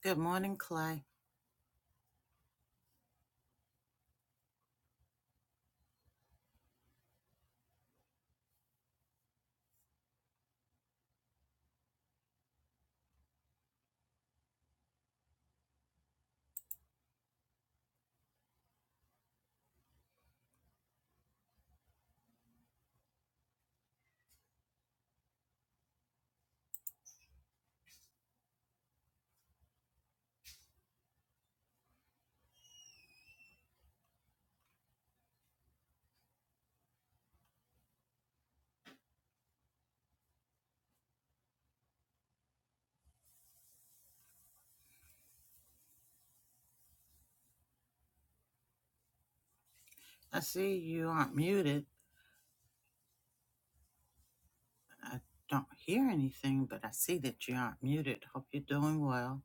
Good morning, Clay. I see you aren't muted. I don't hear anything, but I see that you aren't muted. Hope you're doing well.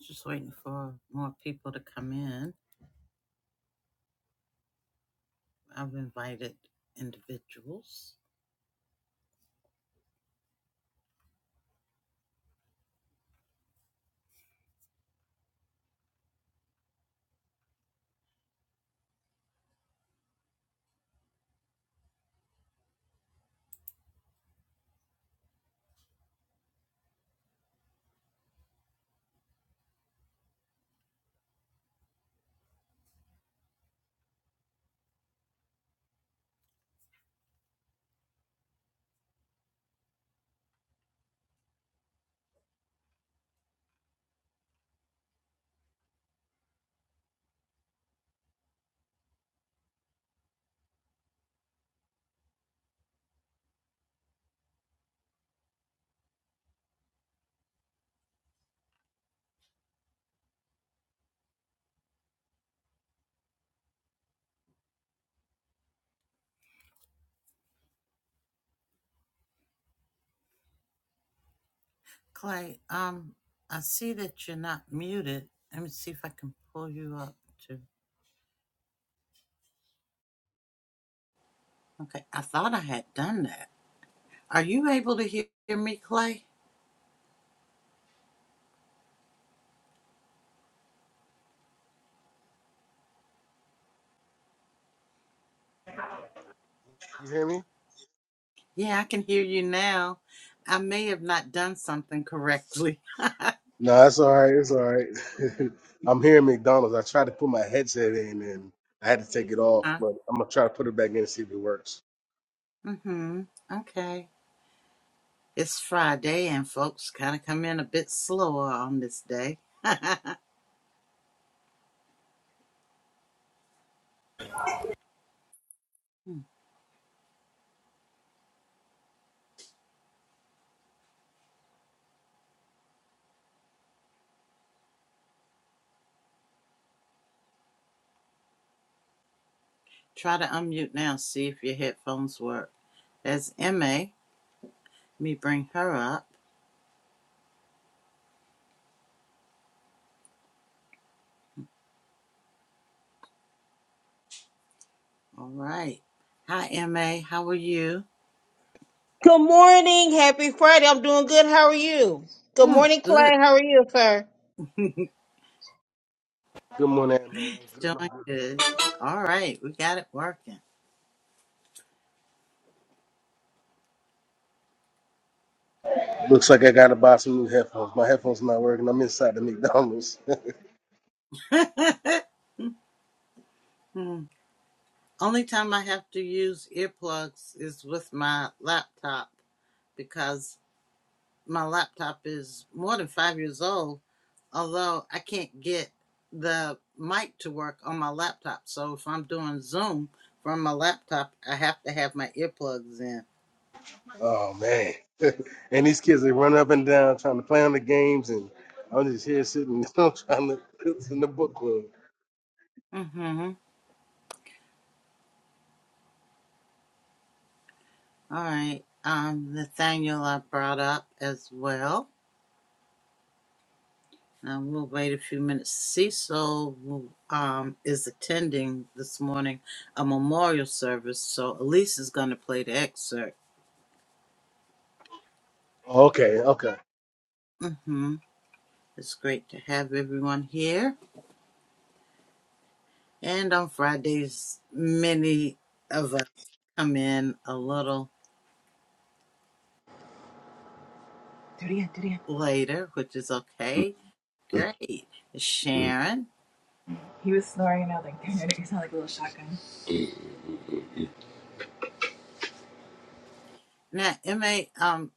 Just waiting for more people to come in. I've invited individuals. Clay, um, I see that you're not muted. Let me see if I can pull you up too. Okay, I thought I had done that. Are you able to hear me, Clay? You hear me? Yeah, I can hear you now. I may have not done something correctly. No, it's all right. It's all right. I'm here at McDonald's. I tried to put my headset in and I had to take it off, Huh? but I'm gonna try to put it back in and see if it works. Mm-hmm. Okay. It's Friday, and folks kind of come in a bit slower on this day. Hmm. Try to unmute now, see if your headphones work. That's MA. Let me bring her up. All right. Hi, MA. How are you? Good morning. Happy Friday. I'm doing good. How are you? Good Doing morning, good. Clay. How are you, sir? Good morning, man. I'm good, Doing I'm good. All right. We got it working. good. Looks like I gotta buy some new headphones. My headphones not working. I'm inside the McDonald's. Hmm. Only time I have to use earplugs is with my laptop because my laptop is more than five years old although I can't get the mic to work on my laptop. So if I'm doing Zoom from my laptop, I have to have my earplugs in. oh man. and these kids they run up and down trying to play on the games, and I'm just here sitting trying to in the book club. Mm-hmm. All right. Um, Nathaniel, I brought up as well. Um, we'll wait a few minutes. Cecil who, um, is attending this morning a memorial service, so Elise is going to play the excerpt. Okay, okay. Mm-hmm. It's great to have everyone here. And on Fridays, many of us. come in a little Durian, durian. later, which is okay. Great. Sharon. He was snoring, and I was like, damn, it sounded like a little shotgun. Now, MA, um,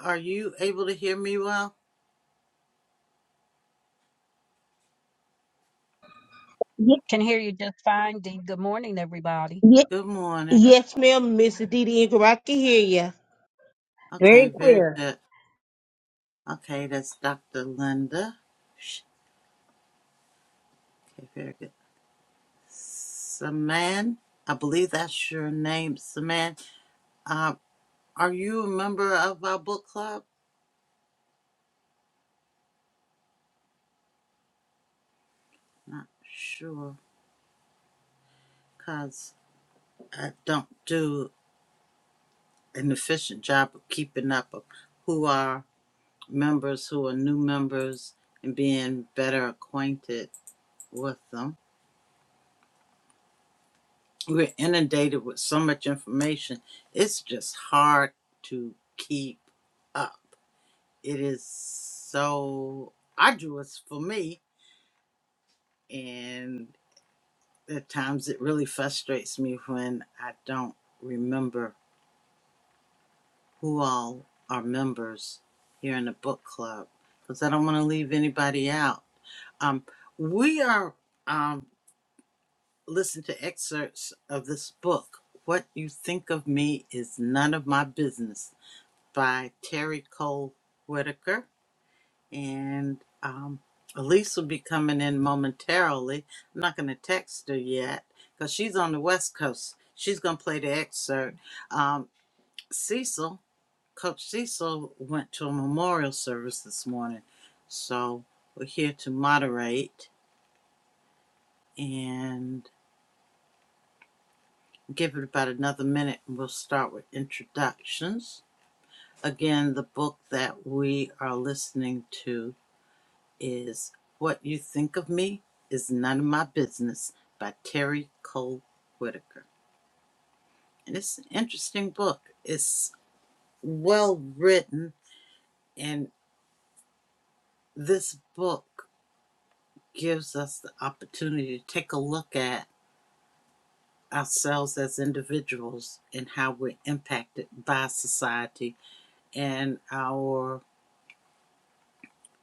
are you able to hear me well? Ye- Can hear you just fine, Dee. Good morning, everybody. ye- Good morning. Yes, ma'am. Miss Didi Ingram. I can hear you. Okay, Very very clear. good. Okay, that's Dr. Linda. Sh- Okay, very good. Saman, I believe that's your name, Saman. Uh, are you a member of our book club? Not sure, because I don't do an efficient job of keeping up of who are members who are new members and being better acquainted with them. We're inundated with so much information, it's just hard to keep up. It is so arduous for me, and at times it really frustrates me when I don't remember who all are members here in the book club because I don't want to leave anybody out. Um, we are. um. listen to excerpts of this book, What You Think of Me Is None of My Business by Terry Cole Whitaker. And um, Elise will be coming in momentarily. I'm not going to text her yet because she's on the West Coast. She's going to play the excerpt. Um, Cecil, Coach Cecil, went to a memorial service this morning. So we're here to moderate. And give it about another minute and we'll start with introductions. Again, the book that we are listening to is What You Think of Me Is None of My Business by Terry Cole Whitaker. And it's an interesting book. It's well written, and this book gives us the opportunity to take a look at ourselves as individuals and how we're impacted by society and our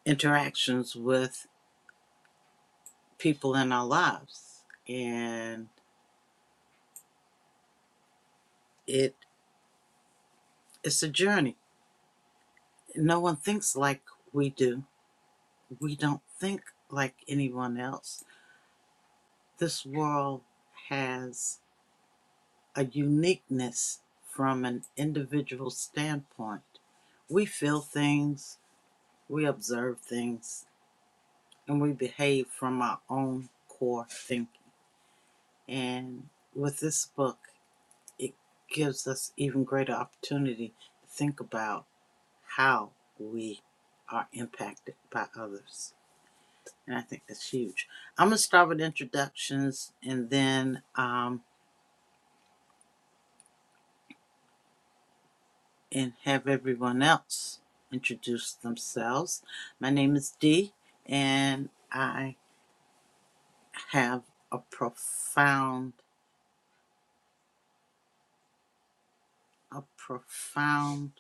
interactions with people in our lives. And it it's a journey. No one thinks like we do. We don't think like anyone else. This world has a uniqueness from an individual standpoint. We feel things, we observe things, and we behave from our own core thinking. And with this book, it gives us even greater opportunity to think about how we are impacted by others. And I think that's huge. I'm going to start with introductions and then um, and have everyone else introduce themselves. My name is Dee, and I have a profound, a profound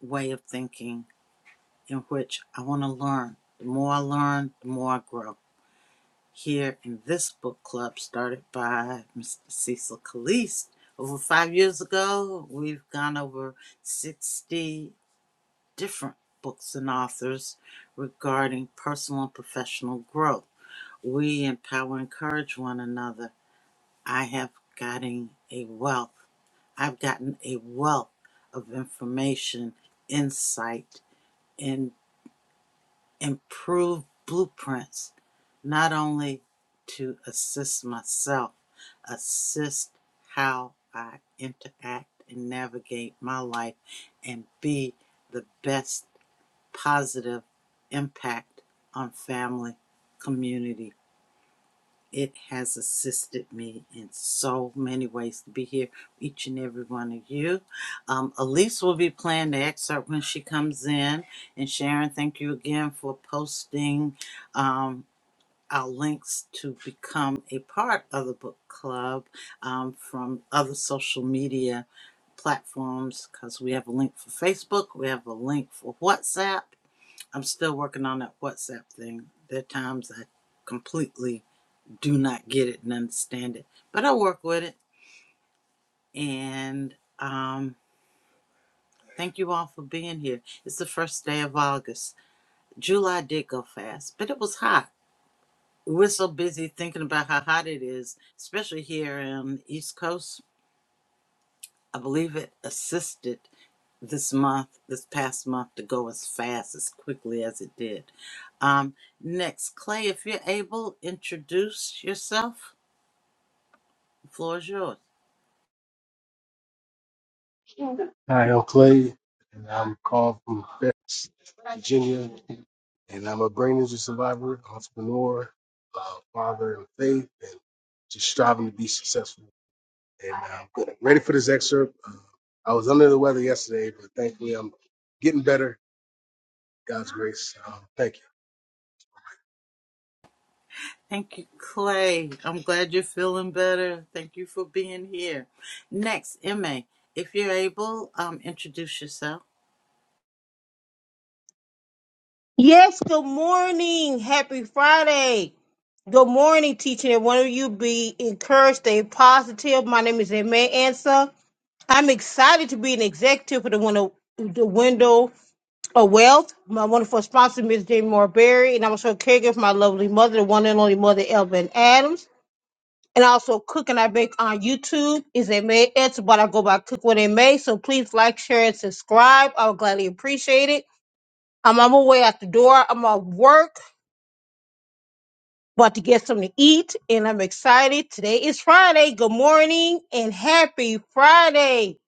way of thinking in which I want to learn. The more I learn, the more I grow here in this book club started by Mr. Cecil Caliste over five years ago. We've gone over 60 different books and authors regarding personal and professional growth. We empower and encourage one another. I have gotten a wealth. I've gotten a wealth of information, insight, and improve blueprints, not only to assist myself, assist how I interact and navigate my life and be the best positive impact on family, community, it has assisted me in so many ways to be here, each and every one of you. Um, Elise will be playing the excerpt when she comes in. And Sharon, thank you again for posting um, our links to become a part of the book club um, from other social media platforms because we have a link for Facebook, we have a link for WhatsApp. I'm still working on that WhatsApp thing. There are times I completely do not get it and understand it. But I work with it. And um, thank you all for being here. It's the first day of August. July did go fast, but it was hot. We're so busy thinking about how hot it is, especially here on the East Coast. I believe it assisted this month, this past month, to go as fast, as quickly as it did. Um, next, Clay, if you're able, introduce yourself. The floor is yours. Hi, I'm Clay, and I'm called from Fairfax, Virginia, and I'm a brain injury survivor, entrepreneur, uh, father in faith, and just striving to be successful. And I'm good. ready for this excerpt. Uh, I was under the weather yesterday, but thankfully I'm getting better. God's grace. Um, thank you. Thank you, Clay. I'm glad you're feeling better. Thank you for being here. Next, Emma, if you're able, um, introduce yourself. Yes, good morning. Happy Friday. Good morning, teaching. And one of you be encouraged, stay positive. My name is Emma Ansa. I'm excited to be an executive for the window, the window of wealth. My wonderful sponsor, Miss Jamie Moore Berry, and I'm also a caregiver for my lovely mother, the one and only mother, Elvin Adams. And also, cook and I bake on YouTube is a May. It's what I go by Cook What It May. So please like, share, and subscribe. I would gladly appreciate it. I'm on my way out the door. I'm at work, about to get something to eat, and I'm excited. Today is Friday. Good morning and happy Friday.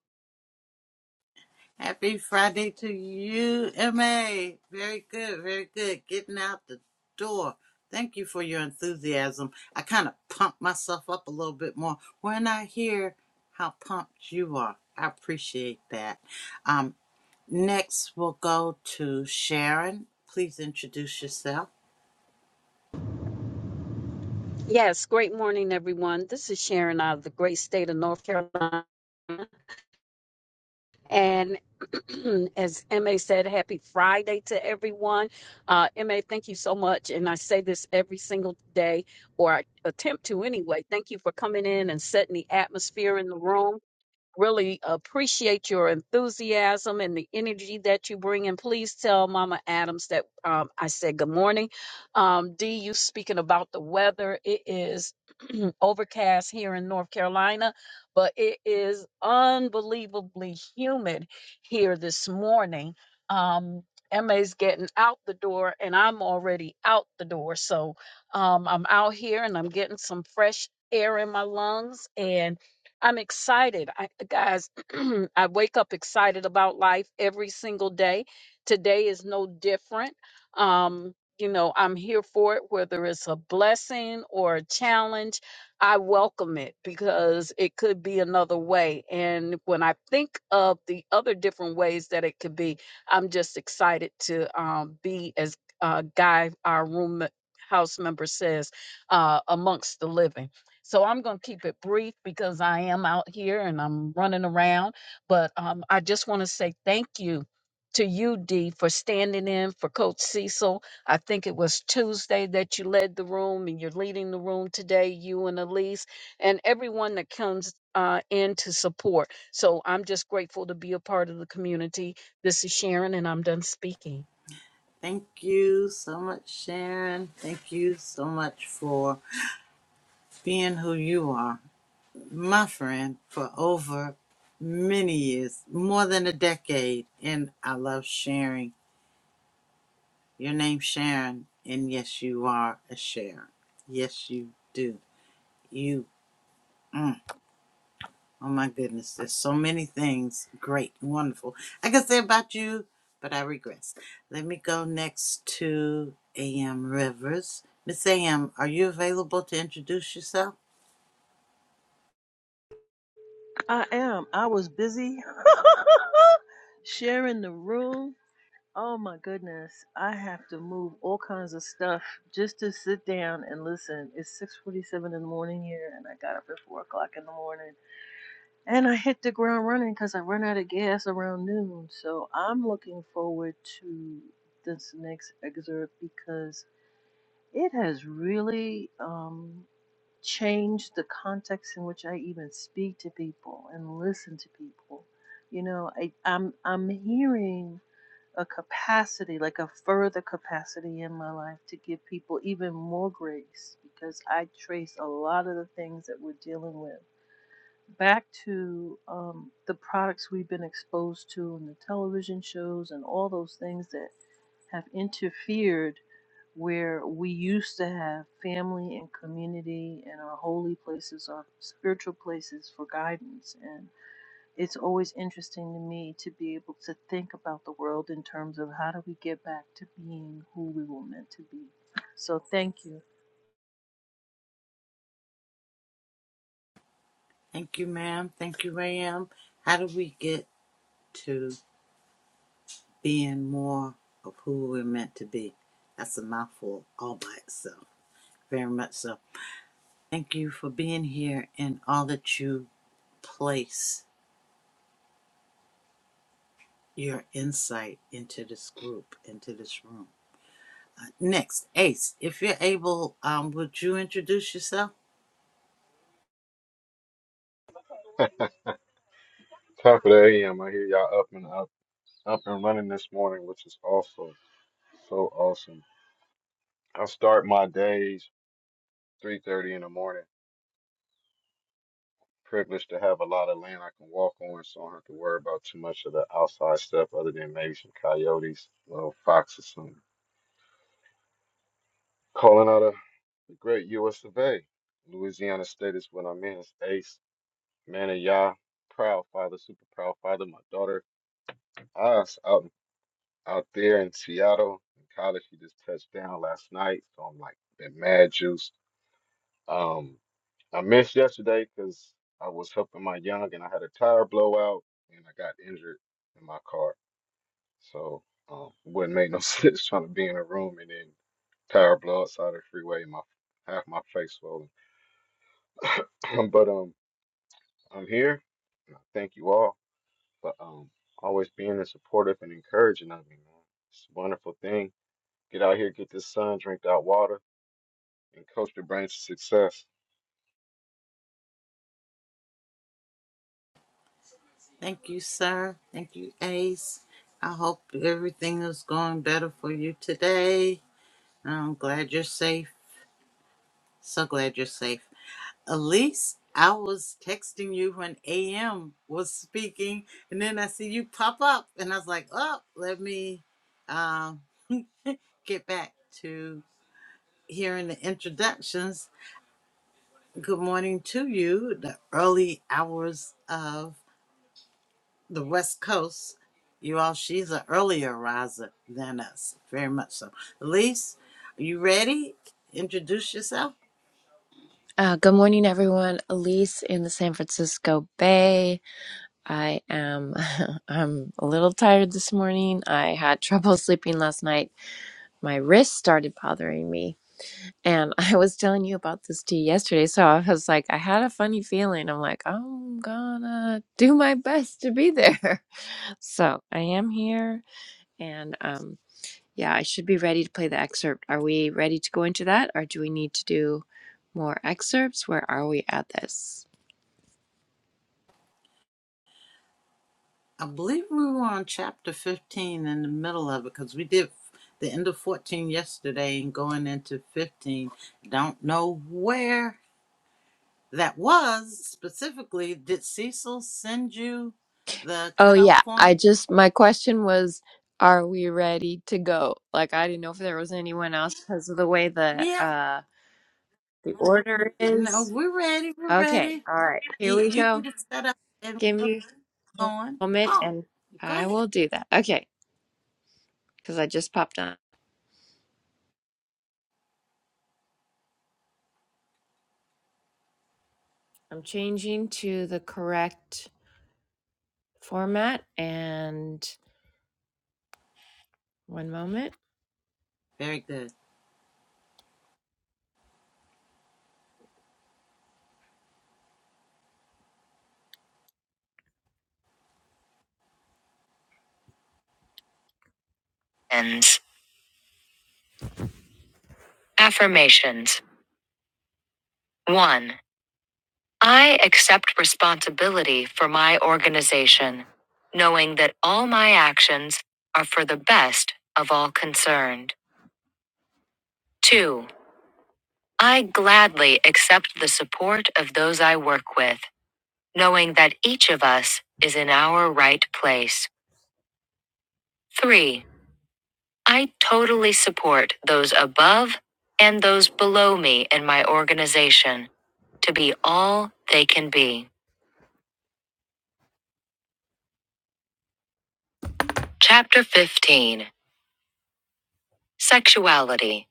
Happy Friday to you, Emma. Very good, very good. Getting out the door. Thank you for your enthusiasm. I kind of pumped myself up a little bit more when I hear how pumped you are. I appreciate that. Um, next, we'll go to Sharon. Please introduce yourself. Yes, great morning, everyone. This is Sharon out of the great state of North Carolina. And as MA said, happy Friday to everyone. Uh, MA, thank you so much. And I say this every single day, or I attempt to anyway. Thank you for coming in and setting the atmosphere in the room. really appreciate your enthusiasm and the energy that you bring. And please tell Mama Adams that um, I said good morning. Um, D, you speaking about the weather. It is overcast here in North Carolina, but it is unbelievably humid here this morning. Um, Emma's getting out the door, and I'm already out the door. So um, I'm out here and I'm getting some fresh air in my lungs. And I'm excited. I, guys, I wake up excited about life every single day. Today is no different. Um, you know, I'm here for it, whether it's a blessing or a challenge. I welcome it because it could be another way. And when I think of the other different ways that it could be, I'm just excited to um, be, as uh, Guy, our room house member says, uh, amongst the living. So I'm going to keep it brief because I am out here and I'm running around. But um, I just want to say thank you to you, Dee, for standing in for Coach Cecil. I think it was Tuesday that you led the room and you're leading the room today, you and Elise, and everyone that comes uh, in to support. So I'm just grateful to be a part of the community. This is Sharon, and I'm done speaking. Thank you so much, Sharon. Thank you so much for being who you are, my friend, for over many years, more than a decade. And I love sharing. Your name's Sharon, and yes, you are a Sharon. Yes, you do. You. mm. Oh my goodness, there's so many things great, and wonderful. I could say about you, but I regress. Let me go next to AM Rivers. Miss AM, are you available to introduce yourself? I am. I was busy sharing the room. Oh my goodness. I have to move all kinds of stuff just to sit down and listen. It's 6:47 in the morning here and I got up at 4 o'clock in the morning. And I hit the ground running because I run out of gas around noon. So I'm looking forward to this next excerpt because it has really um, change the context in which I even speak to people and listen to people. You know, I, I'm I'm hearing a capacity, like a further capacity in my life to give people even more grace because I trace a lot of the things that we're dealing with back to um, the products we've been exposed to and the television shows and all those things that have interfered where we used to have family and community and our holy places, our spiritual places for guidance. And it's always interesting to me to be able to think about the world in terms of how do we get back to being who we were meant to be. So thank you. Thank you, ma'am. Thank you, AM. How do we get to being more of who we're meant to be? That's a mouthful all by itself. Very much so. Thank you for being here and all that you place your insight into this group, into this room. Next, Ace, if you're able, um, would you introduce yourself? Top of the AM, I hear y'all up and up, up and running this morning, which is also so awesome. I start my days 3:30 in the morning. Privileged to have a lot of land I can walk on, so I don't have to worry about too much of the outside stuff, other than maybe some coyotes, little foxes, some calling out a the great U.S. of A. Louisiana State is what I'm in. It's Ace, man of Yah, proud father, super proud father. My daughter, us out in out there in Seattle in college. He just touched down last night, so I'm like been mad juiced. Um, I missed yesterday because I was helping my young and I had a tire blowout and I got injured in my car, so um, wouldn't make no sense trying to be in a room and then tire blow outside the freeway. My half my face swollen, but um, I'm here. And I thank you all for um always being supportive and encouraging of me, man. It's a wonderful thing get out here, get this sun, drink that water. and coach the brain to success. Thank you, sir. Thank you, Ace. I hope everything is going better for you today. I'm glad you're safe. So glad you're safe. Elise, I was texting you when AM was speaking, and then I see you pop up, and I was like, oh, let me um, get back to hearing the introductions. Good morning to you, the early hours of the West Coast, you all, she's an earlier riser than us, very much so. Elise, are you ready? Introduce yourself. Uh, good morning, everyone. Elise in the San Francisco Bay. I am. I'm a little tired this morning. I had trouble sleeping last night. My wrist started bothering me, and I was telling you about this tea yesterday. So I was like, I had a funny feeling. I'm like, I'm gonna do my best to be there. So I am here, and um, yeah, I should be ready to play the excerpt. Are we ready to go into that, or do we need to do more excerpts? Where are we at this? I believe we were on chapter 15 in the middle of it because we did the end of 14 yesterday and going into 15. Don't know where that was specifically. Did Cecil send you the Oh cutoff yeah, I point? just my question was, are we ready to go? Like I didn't know if there was anyone else because of the way the Yeah. uh the order No, is. we're ready. We're Okay, ready. all right, You, here we you go. get it set up and Give me a going? moment Oh, and go I ahead. will do that. Okay, because I just popped on. I'm changing to the correct format and one moment. Very good. And affirmations. One. I accept responsibility for my organization, knowing that all my actions are for the best of all concerned. 2. I gladly accept the support of those I work with, knowing that each of us is in our right place. 3. I totally support those above and those below me in my organization to be all they can be. Chapter 15 Sexuality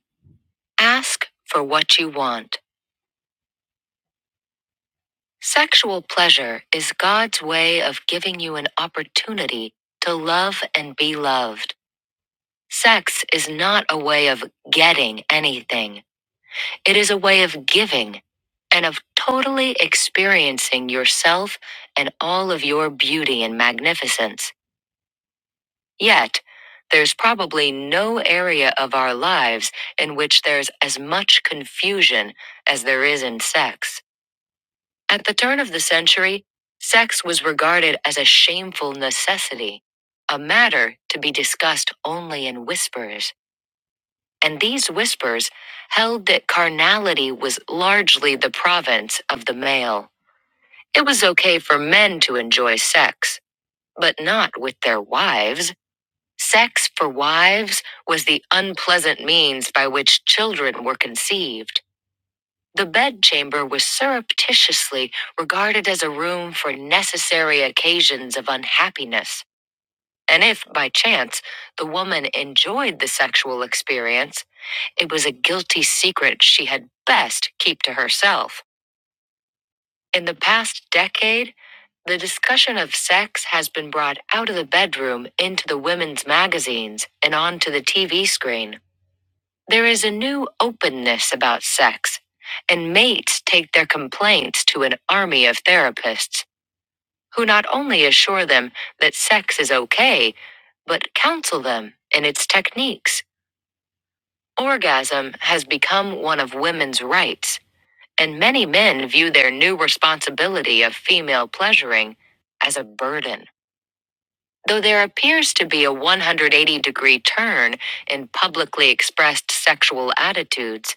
Ask for what you want. Sexual pleasure is God's way of giving you an opportunity to love and be loved. Sex is not a way of getting anything, it is a way of giving and of totally experiencing yourself and all of your beauty and magnificence. Yet, there's probably no area of our lives in which there's as much confusion as there is in sex. At the turn of the century, sex was regarded as a shameful necessity, a matter to be discussed only in whispers, and these whispers held that carnality was largely the province of the male. It was okay for men to enjoy sex, but not with their wives. Sex for wives was the unpleasant means by which children were conceived. The bedchamber was surreptitiously regarded as a room for necessary occasions of unhappiness, and if, by chance, the woman enjoyed the sexual experience, it was a guilty secret she had best keep to herself. In the past decade, the discussion of sex has been brought out of the bedroom into the women's magazines and onto the TV screen. There is a new openness about sex, and mates take their complaints to an army of therapists who not only assure them that sex is okay, but counsel them in its techniques. Orgasm has become one of women's rights, and many men view their new responsibility of female pleasuring as a burden. Though there appears to be a 180 degree turn in publicly expressed sexual attitudes,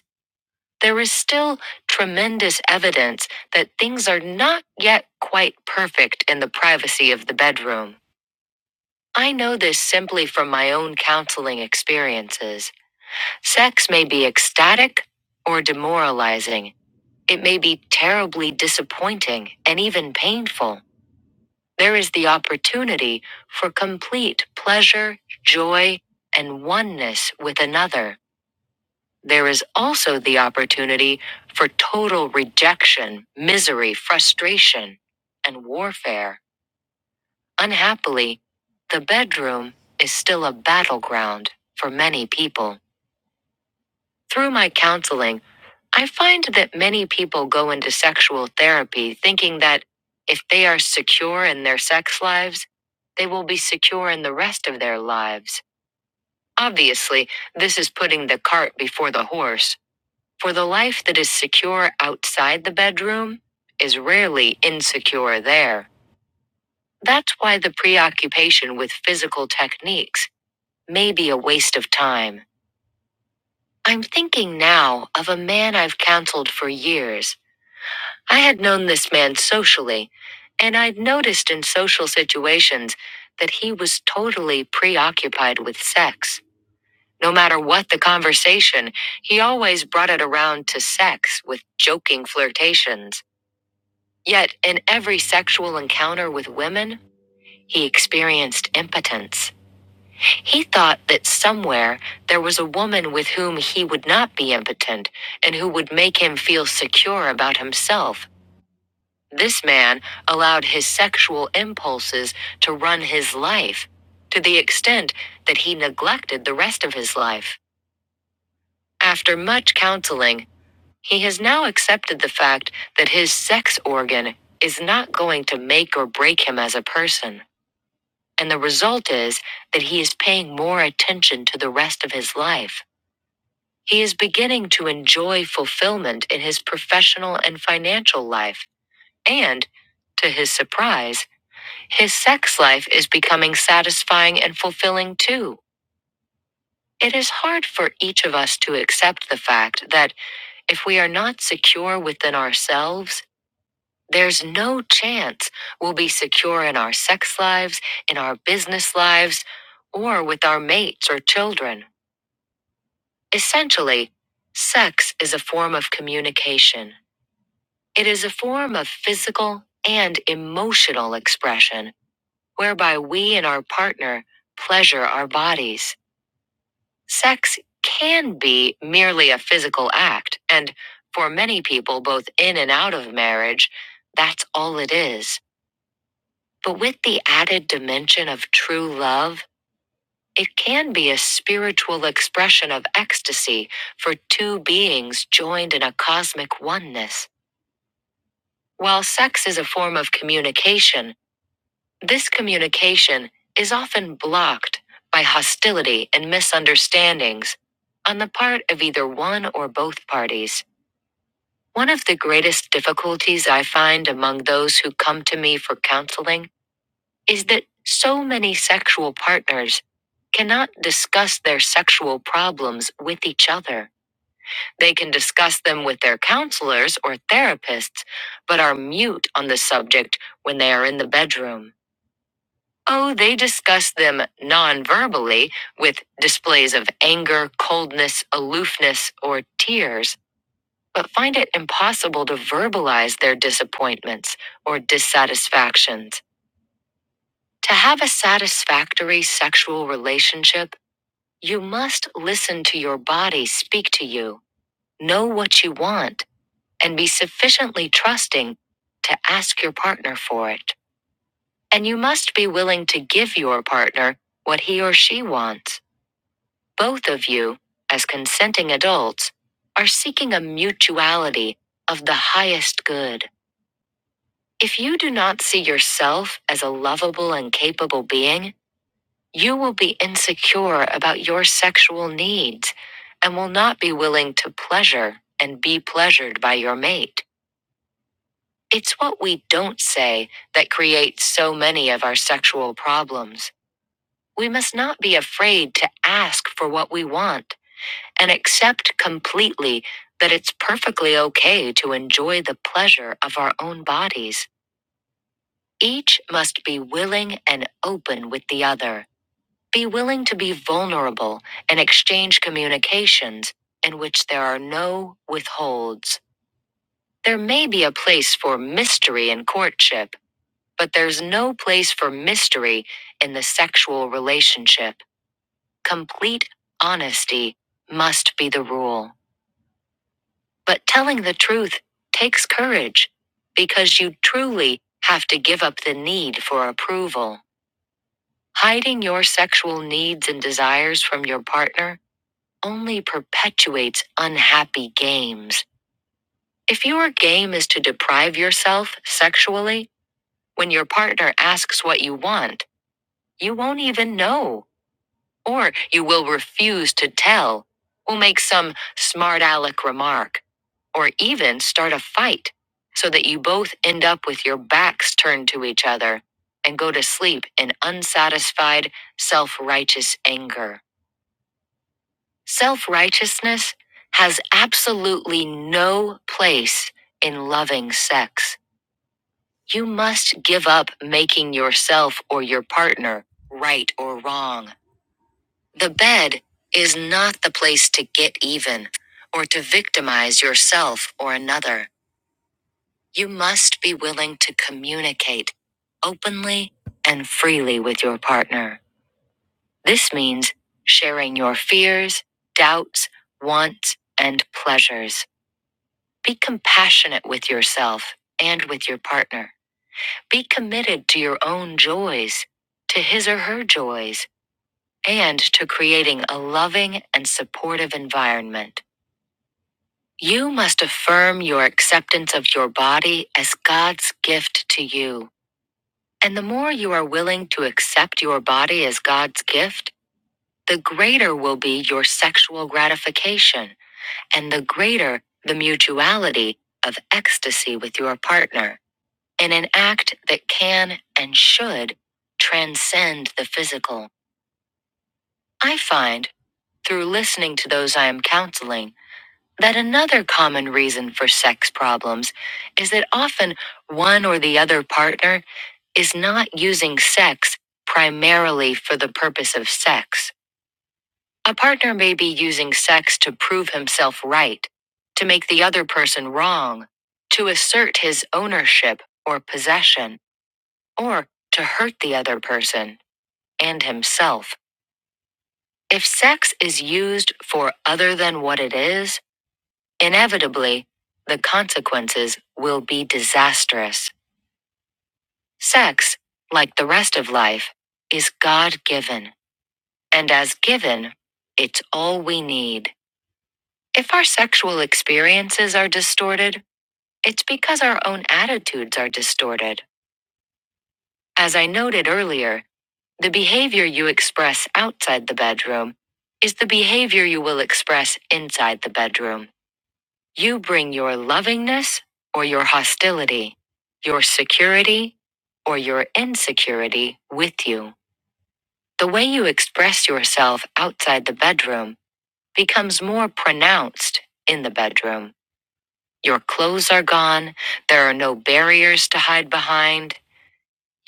there is still tremendous evidence that things are not yet quite perfect in the privacy of the bedroom. I know this simply from my own counseling experiences. Sex may be ecstatic or demoralizing. It may be terribly disappointing and even painful. There is the opportunity for complete pleasure, joy, and oneness with another. There is also the opportunity for total rejection, misery, frustration, and warfare. Unhappily, the bedroom is still a battleground for many people. Through my counseling, I find that many people go into sexual therapy thinking that if they are secure in their sex lives, they will be secure in the rest of their lives. Obviously, this is putting the cart before the horse. For the life that is secure outside the bedroom is rarely insecure there. That's why the preoccupation with physical techniques may be a waste of time. I'm thinking now of a man I've counseled for years. I had known this man socially, and I'd noticed in social situations that he was totally preoccupied with sex. No matter what the conversation, he always brought it around to sex with joking flirtations. Yet, in every sexual encounter with women, he experienced impotence. He thought that somewhere there was a woman with whom he would not be impotent and who would make him feel secure about himself. This man allowed his sexual impulses to run his life to the extent that he neglected the rest of his life. After much counseling, He has now accepted the fact that his sex organ is not going to make or break him as a person, and the result is that he is paying more attention to the rest of his life. He is beginning to enjoy fulfillment in his professional and financial life, and, to his surprise, his sex life is becoming satisfying and fulfilling too. It is hard for each of us to accept the fact that if we are not secure within ourselves, There's no chance we'll be secure in our sex lives, in our business lives, or with our mates or children. Essentially, sex is a form of communication. It is a form of physical and emotional expression whereby we and our partner pleasure our bodies. Sex can be merely a physical act, and for many people, both in and out of marriage, that's all it is. But with the added dimension of true love, it can be a spiritual expression of ecstasy for two beings joined in a cosmic oneness. While sex is a form of communication, this communication is often blocked by hostility and misunderstandings on the part of either one or both parties. One of the greatest difficulties I find among those who come to me for counseling is that so many sexual partners cannot discuss their sexual problems with each other. They can discuss them with their counselors or therapists, but are mute on the subject when they are in the bedroom. Oh, they discuss them non verbally with displays of anger, coldness, aloofness, or tears, but find it impossible to verbalize their disappointments or dissatisfactions. To have a satisfactory sexual relationship, You must listen to your body speak to you, know what you want, and be sufficiently trusting to ask your partner for it. And you must be willing to give your partner what he or she wants. Both of you, as consenting adults, are seeking a mutuality of the highest good. If you do not see yourself as a lovable and capable being, You will be insecure about your sexual needs and will not be willing to pleasure and be pleasured by your mate. It's what we don't say that creates so many of our sexual problems. We must not be afraid to ask for what we want and accept completely that it's perfectly okay to enjoy the pleasure of our own bodies. Each must be willing and open with the other. Be willing to be vulnerable and exchange communications in which there are no withholds. There may be a place for mystery in courtship, but there's no place for mystery in the sexual relationship. Complete honesty must be the rule. But telling the truth takes courage because you truly have to give up the need for approval. Hiding your sexual needs and desires from your partner only perpetuates unhappy games. If your game is to deprive yourself sexually, when your partner asks what you want, you won't even know, or you will refuse to tell, will make some smart aleck remark, or even start a fight, so that you both end up with your backs turned to each other and go to sleep in unsatisfied, self righteous anger. Self righteousness has absolutely no place in loving sex. You must give up making yourself or your partner right or wrong. The bed is not the place to get even or to victimize yourself or another. You must be willing to communicate openly and freely with your partner. This means sharing your fears, doubts, wants, and pleasures. Be compassionate with yourself and with your partner. Be committed to your own joys, to his or her joys, and to creating a loving and supportive environment. You must affirm your acceptance of your body as God's gift to you. And the more you are willing to accept your body as God's gift, the greater will be your sexual gratification, and the greater the mutuality of ecstasy with your partner. in an act that can and should transcend the physical. I find, through listening to those I am counseling, that another common reason for sex problems is that often one or the other partner is not using sex primarily for the purpose of sex. A partner may be using sex to prove himself right, to make the other person wrong, to assert his ownership or possession. or to hurt the other person and himself. If sex is used for other than what it is, inevitably, the consequences will be disastrous. Sex, like the rest of life, is God given, and as given, it's all we need. If our sexual experiences are distorted, it's because our own attitudes are distorted. As I noted earlier, The behavior you express outside the bedroom is the behavior you will express inside the bedroom. You bring your lovingness or your hostility, your security or your insecurity with you. The way you express yourself outside the bedroom becomes more pronounced in the bedroom. Your clothes are gone, there are no barriers to hide behind.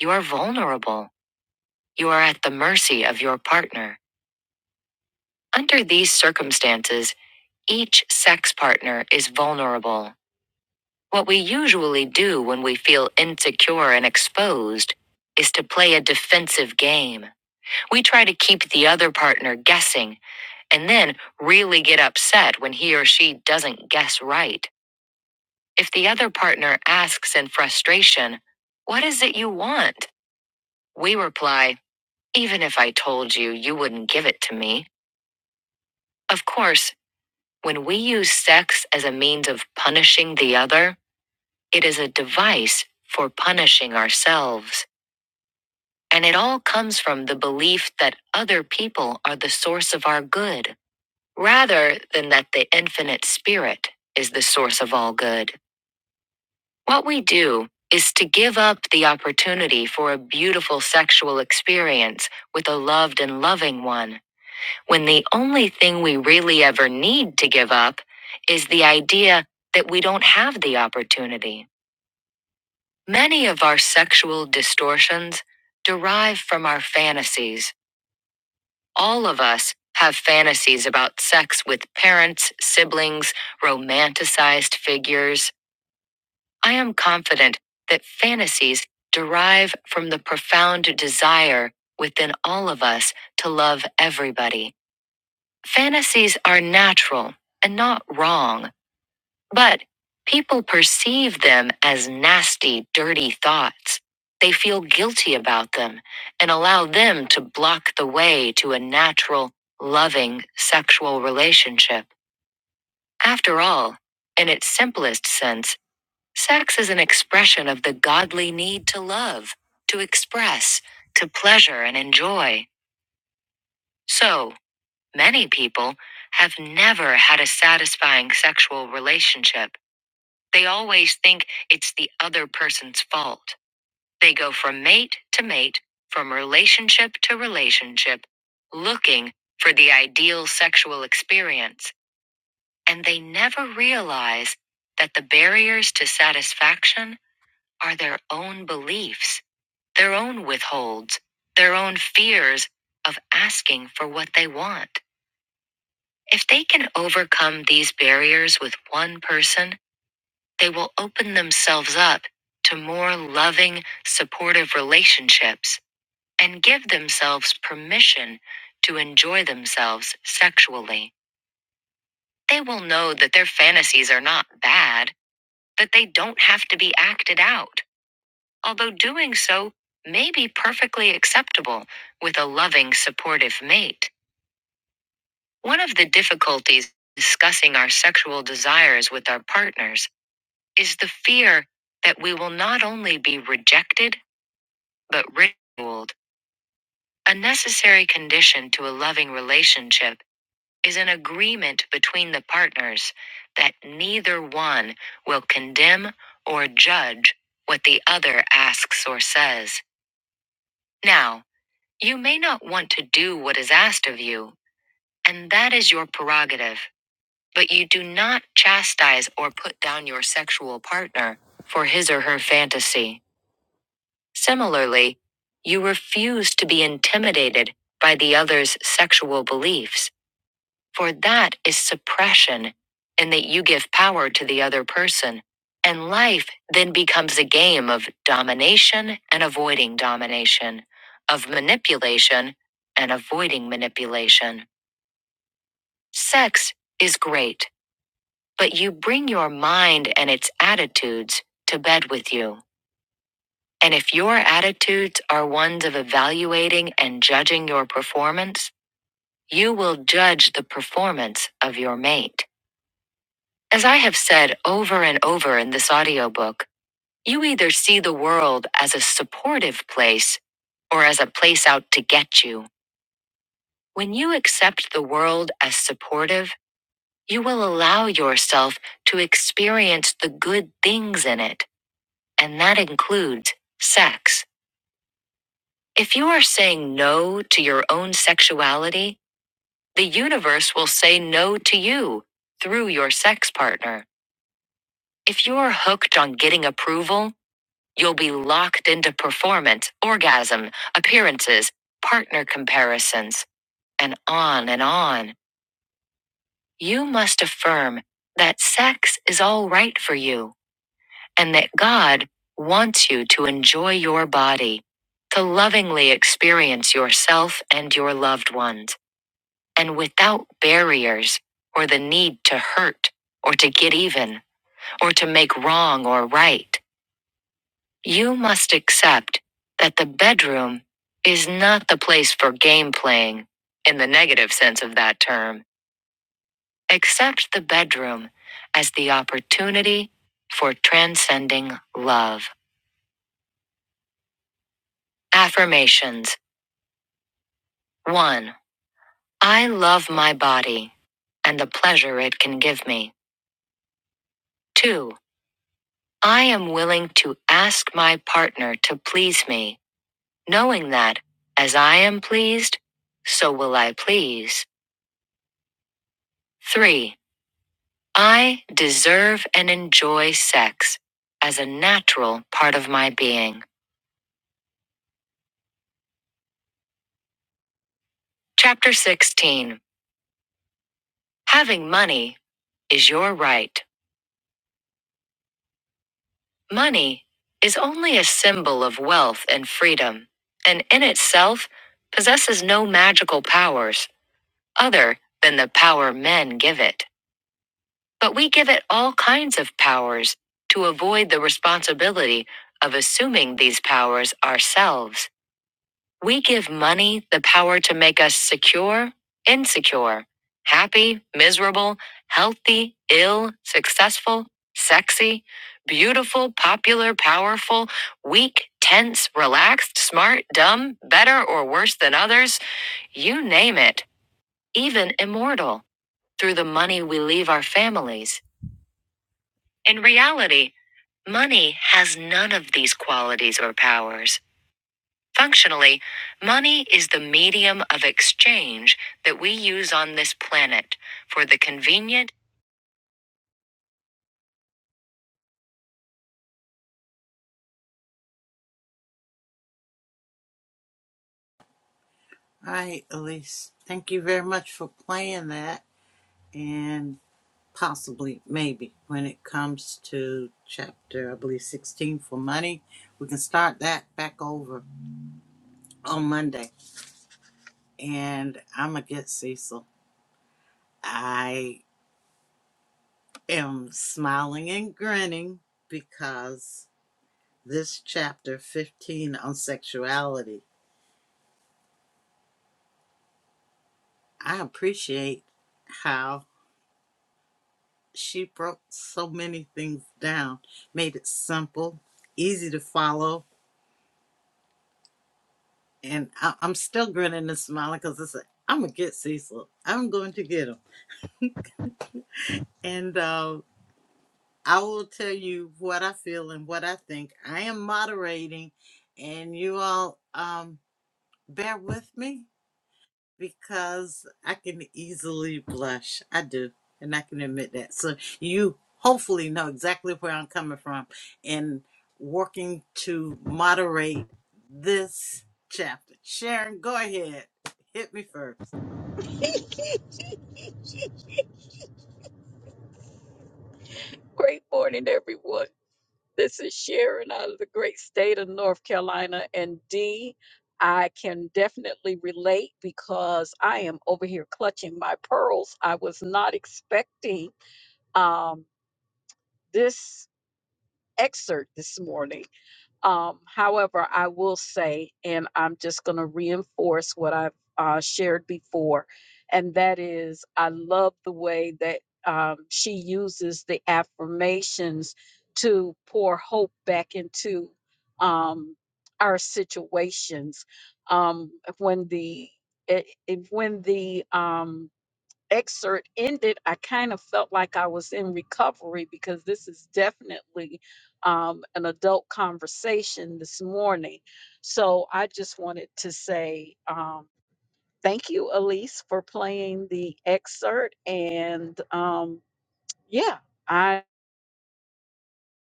You are vulnerable. You are at the mercy of your partner. Under these circumstances, each sex partner is vulnerable. What we usually do when we feel insecure and exposed is to play a defensive game. We try to keep the other partner guessing and then really get upset when he or she doesn't guess right. If the other partner asks in frustration, What is it you want? We reply, Even if I told you, you wouldn't give it to me. Of course, When we use sex as a means of punishing the other, it is a device for punishing ourselves. And it all comes from the belief that other people are the source of our good, rather than that the infinite spirit is the source of all good. What we do is to give up the opportunity for a beautiful sexual experience with a loved and loving one when the only thing we really ever need to give up is the idea that we don't have the opportunity. Many of our sexual distortions derive from our fantasies. All of us have fantasies about sex with parents, siblings, romanticized figures. I am confident that fantasies derive from the profound desire within all of us to love everybody Fantasies are natural and not wrong, but people perceive them as nasty, dirty thoughts. They feel guilty about them and allow them to block the way to a natural, loving sexual relationship. After all, in its simplest sense, sex is an expression of the godly need to love, to express, to pleasure and enjoy. So, Many people have never had a satisfying sexual relationship. They always think it's the other person's fault. They go from mate to mate, from relationship to relationship, looking for the ideal sexual experience, and they never realize that the barriers to satisfaction are their own beliefs, their own withholds, their own fears of asking for what they want. If they can overcome these barriers with one person, they will open themselves up to more loving, supportive relationships and give themselves permission to enjoy themselves sexually. They will know that their fantasies are not bad, that they don't have to be acted out, although doing so may be perfectly acceptable with a loving, supportive mate. One of the difficulties discussing our sexual desires with our partners is the fear that we will not only be rejected, but ridiculed. A necessary condition to a loving relationship is an agreement between the partners that neither one will condemn or judge what the other asks or says. Now, you may not want to do what is asked of you, and that is your prerogative, but you do not chastise or put down your sexual partner for his or her fantasy. Similarly, you refuse to be intimidated by the other's sexual beliefs, for that is suppression, and that you give power to the other person. And life then becomes a game of domination and avoiding domination, of manipulation and avoiding manipulation. Sex is great, but you bring your mind and its attitudes to bed with you. And if your attitudes are ones of evaluating and judging your performance, you will judge the performance of your mate. As I have said over and over in this audiobook, you either see the world as a supportive place or as a place out to get you. When you accept the world as supportive, you will allow yourself to experience the good things in it, and that includes sex. If you are saying no to your own sexuality, the universe will say no to you through your sex partner. If you're hooked on getting approval, you'll be locked into performance, orgasm, appearances, partner comparisons, and on and on. You must affirm that sex is all right for you and that God wants you to enjoy your body, to lovingly experience yourself and your loved ones. and without barriers or the need to hurt or to get even or to make wrong or right. You must accept that the bedroom is not the place for game playing in the negative sense of that term. Accept the bedroom as the opportunity for transcending love. Affirmations 1. I love my body and the pleasure it can give me. 2. I am willing to ask my partner to please me, knowing that, as I am pleased, so will I please. 3. I deserve and enjoy sex as a natural part of my being. Chapter 16 Having money is your right. Money is only a symbol of wealth and freedom, and in itself possesses no magical powers other than the power men give it. But we give it all kinds of powers to avoid the responsibility of assuming these powers ourselves. We give money the power to make us secure, insecure, happy, miserable, healthy, ill, successful, sexy, beautiful, popular, powerful, weak, tense, relaxed, smart, dumb, better or worse than others, you name it, even immortal, through the money we leave our families. In reality, Money has none of these qualities or powers. Functionally, money is the medium of exchange that we use on this planet for the convenient. All right, Elise. Thank you very much for playing that and possibly, maybe, when it comes to chapter, I believe, 16 for money, we can start that back over on Monday. And I'm going to get Cecil. I am smiling and grinning because this chapter 15 on sexuality, I appreciate how she broke so many things down, made it simple, easy to follow. And I, I'm still grinning and smiling because I said, I'm going to get Cecil. I'm going to get him. And uh, I will tell you what I feel and what I think. I am moderating, and you all um, bear with me. because I can easily blush. I do, and I can admit that. So you hopefully know exactly where I'm coming from in working to moderate this chapter. Sharon, go ahead. Hit me first. Great morning, everyone. This is Sharon out of the great state of North Carolina. And D, I can definitely relate because I am over here clutching my pearls. I was not expecting um, this excerpt this morning. Um, however, I will say, and I'm just going to reinforce what I've uh, shared before, and that is I love the way that um, she uses the affirmations to pour hope back into um, our situations. Um, when the it, it- when the um, excerpt ended, I kind of felt like I was in recovery because this is definitely um, an adult conversation this morning. So I just wanted to say um, thank you, Elise, for playing the excerpt. And um, yeah, I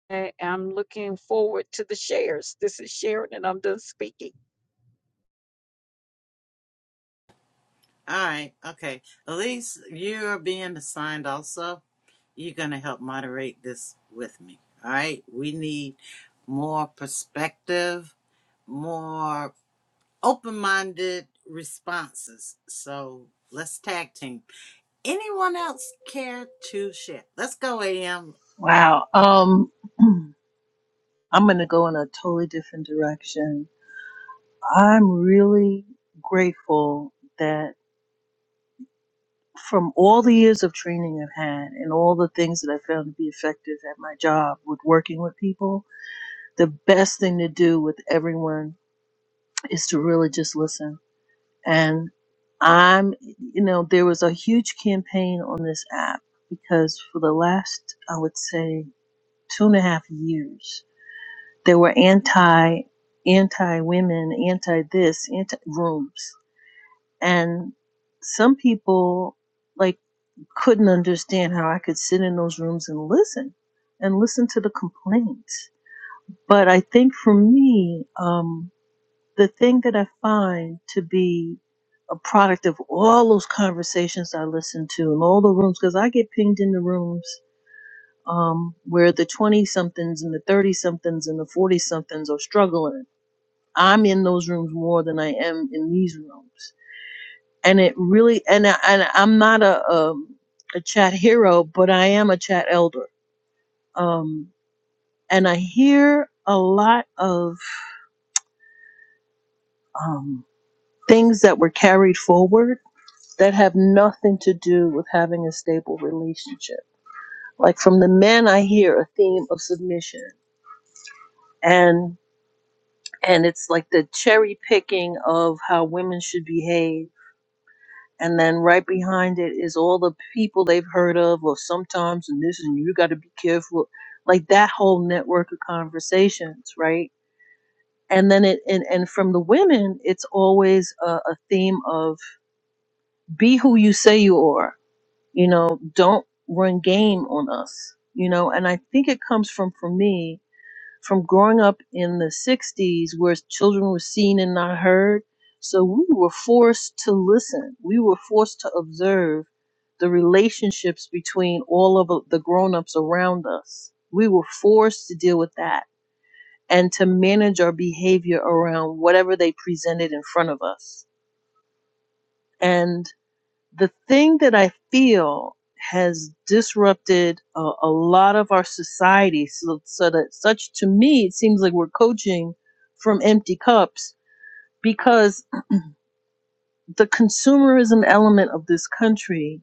am looking forward to the shares. This is Sharon, and I'm done speaking. All right. Okay. Elise, you're being assigned also. You're going to help moderate this with me. All right. We need more perspective, more open-minded responses. So let's tag team. Anyone else care to share? Let's go, AM. Wow. Um, I'm going to go in a totally different direction. I'm really grateful that. from all the years of training I've had and all the things that I found to be effective at my job with working with people, the best thing to do with everyone is to really just listen. And I'm, you know, there was a huge campaign on this app because for the last, I would say, two and a half years, there were anti, anti women, anti this, anti rooms. And some people, like, couldn't understand how I could sit in those rooms and listen and listen to the complaints. But I think for me, um, the thing that I find to be a product of all those conversations I listen to and all the rooms, because I get pinged in the rooms um, where the 20 somethings and the 30 somethings and the 40 somethings are struggling. I'm in those rooms more than I am in these rooms and it really and I- and I'm not a um, a chat hero, but I am a chat elder. Um, and I hear a lot of um, things that were carried forward that have nothing to do with having a stable relationship. Like from the men, I hear a theme of submission and and it's like the cherry picking of how women should behave and then right behind it is all the people they've heard of or sometimes and this and you got to be careful like that whole network of conversations right and then it and, and from the women it's always a, a theme of be who you say you are you know don't run game on us you know and i think it comes from for me from growing up in the 60s where children were seen and not heard. So we were forced to listen. We were forced to observe the relationships between all of the grown-ups around us. We were forced to deal with that and to manage our behavior around whatever they presented in front of us. And the thing that I feel has disrupted a, a lot of our society so, so that such to me it seems like we're coaching from empty cups because the consumerism element of this country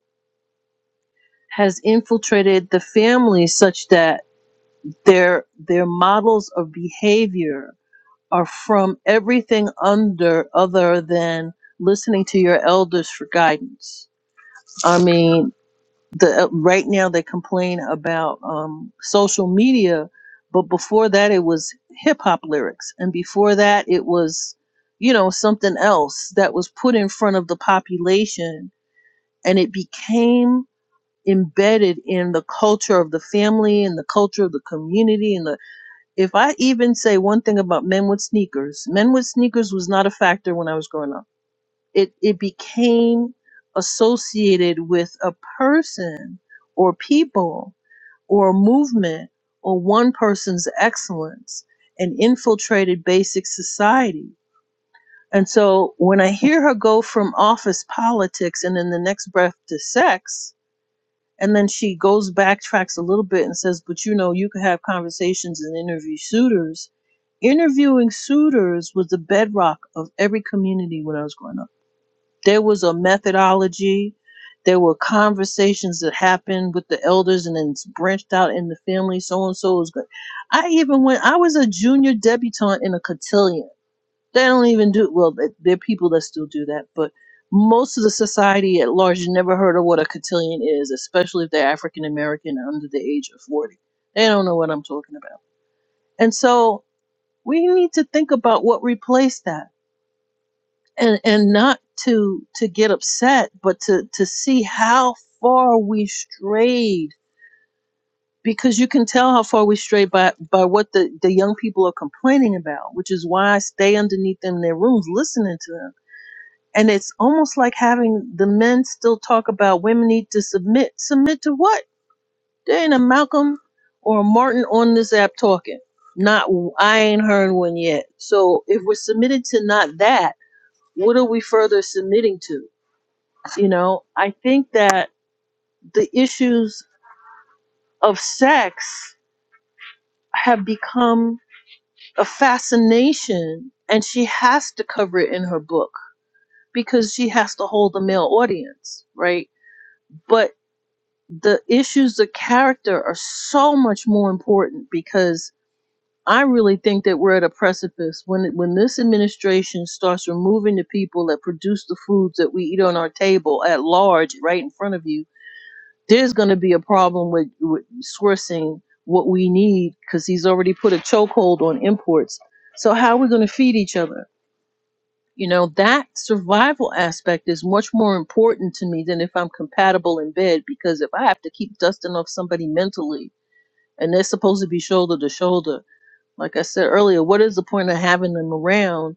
has infiltrated the family such that their their models of behavior are from everything under other than listening to your elders for guidance. I mean, the uh, right now they complain about um, social media, but before that it was hip hop lyrics, and before that it was you know something else that was put in front of the population, and it became embedded in the culture of the family and the culture of the community and the if i even say one thing about men with sneakers men with sneakers was not a factor when i was growing up it it became associated with a person or people or a movement or one person's excellence and infiltrated basic society. And so when I hear her go from office politics and in the next breath to sex, and then she goes backtracks a little bit and says, But you know, you can have conversations and interview suitors. Interviewing suitors was the bedrock of every community when I was growing up there was a methodology there were conversations that happened with the elders and then it's branched out in the family so and so is good i even went i was a junior debutante in a cotillion they don't even do well th- there are people that still do that but most of the society at large you never heard of what a cotillion is especially if they're african american and under the age of 40 they don't know what i'm talking about and so we need to think about what replaced that and and not to to get upset but to to see how far we strayed because you can tell how far we strayed by by what the the young people are complaining about which is why i stay underneath them in their rooms listening to them and it's almost like having the men still talk about women need to submit submit to what there ain't a malcolm or a martin on this app talking not i ain't heard one yet so if we're submitted to not that what are we further submitting to You know, I think that the issues of sex have become a fascination, and she has to cover it in her book because she has to hold the male audience, right? But the issues of character are so much more important because I really think that we're at a precipice when when this administration starts removing the people that produce the foods that we eat on our table at large right in front of you there's going to be a problem with, with sourcing what we need because he's already put a chokehold on imports. So how are we going to feed each other? You know, that survival aspect is much more important to me than if I'm compatible in bed because if I have to keep dusting off somebody mentally and they're supposed to be shoulder to shoulder, like I said earlier, what is the point of having them around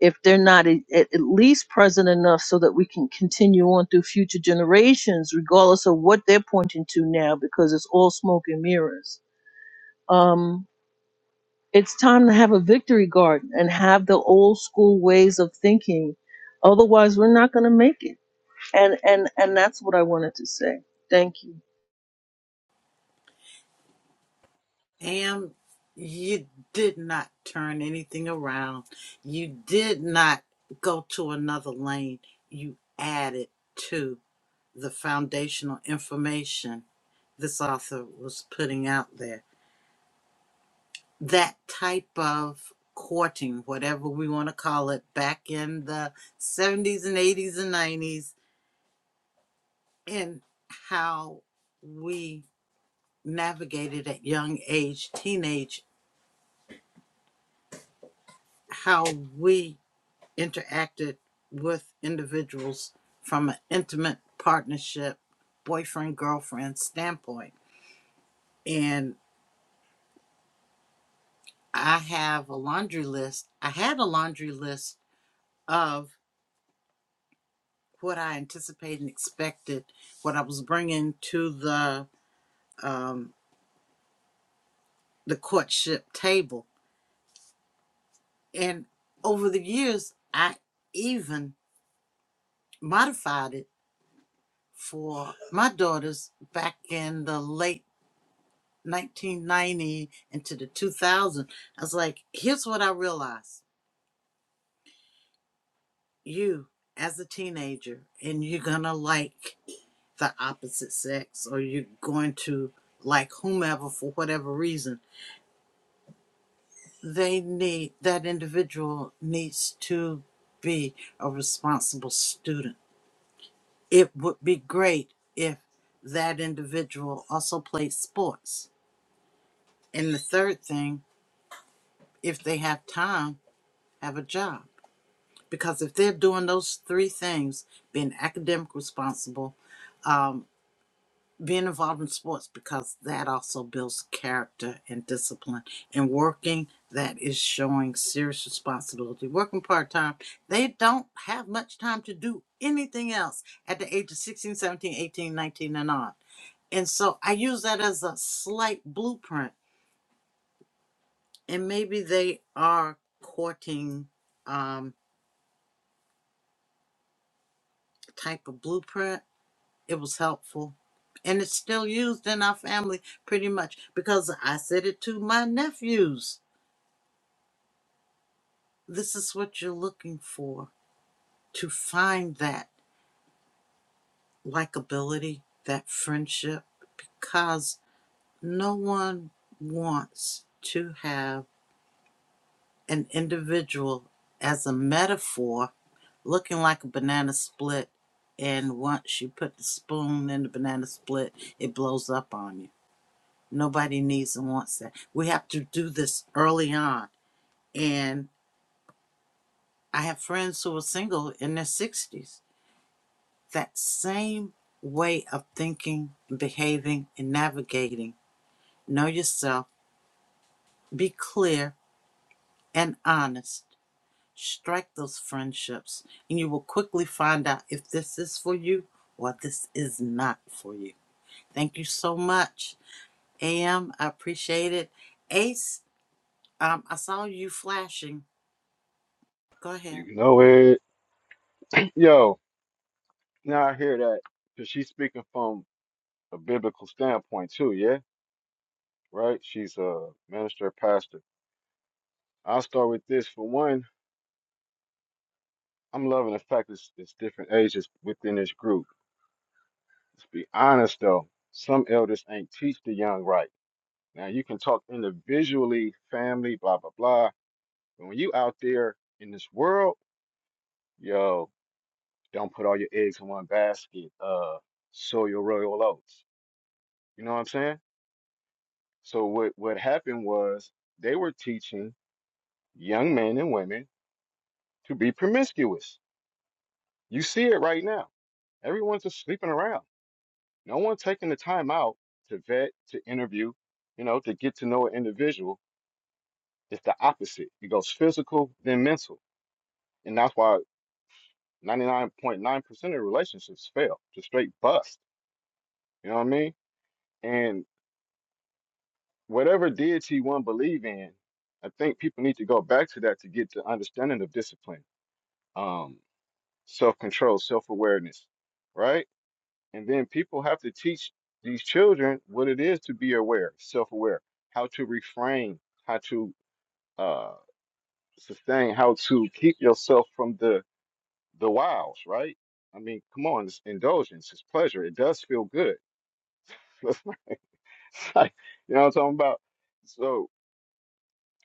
if they're not a, at least present enough so that we can continue on through future generations, regardless of what they're pointing to now, because it's all smoke and mirrors. Um, it's time to have a victory garden and have the old school ways of thinking. Otherwise, we're not going to make it. And and and that's what I wanted to say. Thank you. AM, you did not turn anything around. You did not go to another lane. You added to the foundational information this author was putting out there. That type of courting, whatever we want to call it, back in the 70s and 80s and 90s, and how we navigated at young age, teenage, how we interacted with individuals from an intimate partnership, boyfriend, girlfriend standpoint. And I have a laundry list. I had a laundry list of what I anticipated and expected, what I was bringing to the um, the courtship table. And over the years, I even modified it for my daughters back in the late 1990 into the 2000. I was like, here's what I realized. You, as a teenager, and you're going to like the opposite sex or you're going to like whomever for whatever reason, they need, that individual needs to be a responsible student. It would be great if that individual also played sports And the third thing, if they have time, have a job. Because if they're doing those three things, being academic responsible, um, being involved in sports, because that also builds character and discipline, and working, that is showing serious responsibility. Working part time, they don't have much time to do anything else at the age of 16, 17, 18, 19, and on. And so I use that as a slight blueprint and maybe they are courting um, type of blueprint. It was helpful, and it's still used in our family pretty much because I said it to my nephews. This is what you're looking for to find that likability, that friendship, because no one wants to have an individual as a metaphor looking like a banana split. And once you put the spoon in the banana split, it blows up on you. Nobody needs and wants that. We have to do this early on. And I have friends who are single in their 60s. That same way of thinking, and behaving, and navigating. Know yourself, be clear and honest. Strike those friendships, and you will quickly find out if this is for you or this is not for you. Thank you so much, AM. I appreciate it. Ace, um, I saw you flashing. Go ahead. You know it. Yo, now I hear that. Because she's speaking from a biblical standpoint too, yeah? Right? She's a minister, pastor. I'll start with this. For one, I'm loving the fact it's, it's different ages within this group. Let's be honest though, some elders ain't teach the young right. Now you can talk individually, family, blah blah blah. But when you out there in this world, yo, don't put all your eggs in one basket. Uh sow your royal oats. You know what I'm saying? So what what happened was they were teaching young men and women to be promiscuous. You see it right now. Everyone's just sleeping around. No one's taking the time out to vet, to interview, you know, to get to know an individual. It's the opposite. It goes physical, then mental. And that's why 99.9% of relationships fail, just straight bust. You know what I mean? And whatever deity one believe in, I think people need to go back to that to get the understanding of discipline um, self control, self awareness, right? And then people have to teach these children what it is to be aware, self aware, how to refrain, how to uh, sustain, how to keep yourself from the the wiles, right? I mean, come on, it's indulgence, it's pleasure. It does feel good. It's like, you know what I'm talking about? So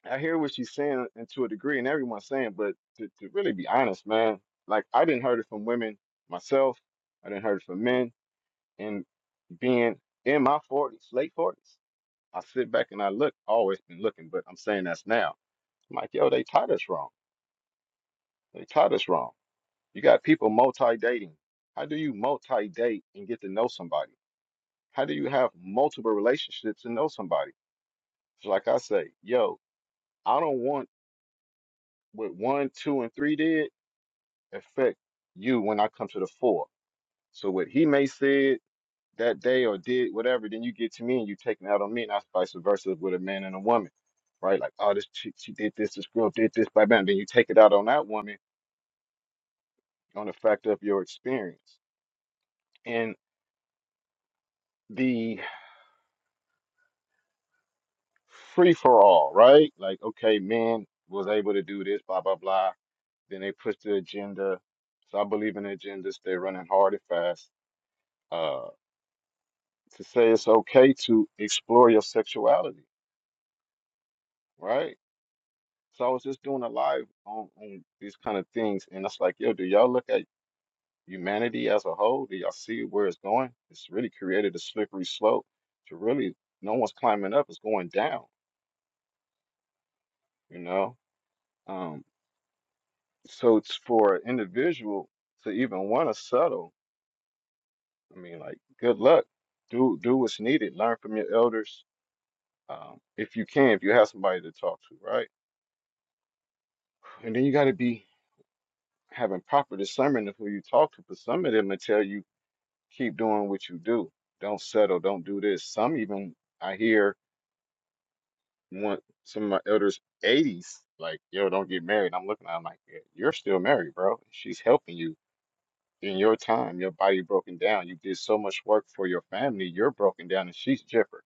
I hear what she's saying and to a degree, and everyone's saying, but to, to really be honest, man, like I didn't heard it from women myself. I didn't heard it from men. And being in my forties, late forties, I sit back and I look. Always been looking, but I'm saying that's now. I'm like, yo, they taught us wrong. They taught us wrong. You got people multi dating. How do you multi date and get to know somebody? How do you have multiple relationships and know somebody? So like I say, yo, I don't want what one, two, and three did. affect you when I come to the fore. So what he may said that day or did whatever, then you get to me and you take it out on me, and that's vice versa with a man and a woman, right? Like, oh, this she, she did this, this girl did this, by bam. Then you take it out on that woman on the fact of your experience and the free for all, right? Like, okay, men was able to do this, blah blah blah. Then they push the agenda. So I believe in agendas. They're running hard and fast. Uh, to say it's okay to explore your sexuality right? So I was just doing a live on, on these kind of things, and it's like, yo, do y'all look at humanity as a whole? Do y'all see where it's going? It's really created a slippery slope to really no one's climbing up, it's going down, you know? Um, so it's for an individual to even want to settle. I mean, like, good luck. Do do what's needed. Learn from your elders, um, if you can, if you have somebody to talk to, right? And then you got to be having proper discernment of who you talk to. But some of them will tell you keep doing what you do. Don't settle. Don't do this. Some even I hear want some of my elders eighties like, yo, don't get married. I'm looking at 'em like, yeah, you're still married, bro. She's helping you in your time. Your body broken down. You did so much work for your family. You're broken down, and she's jipper.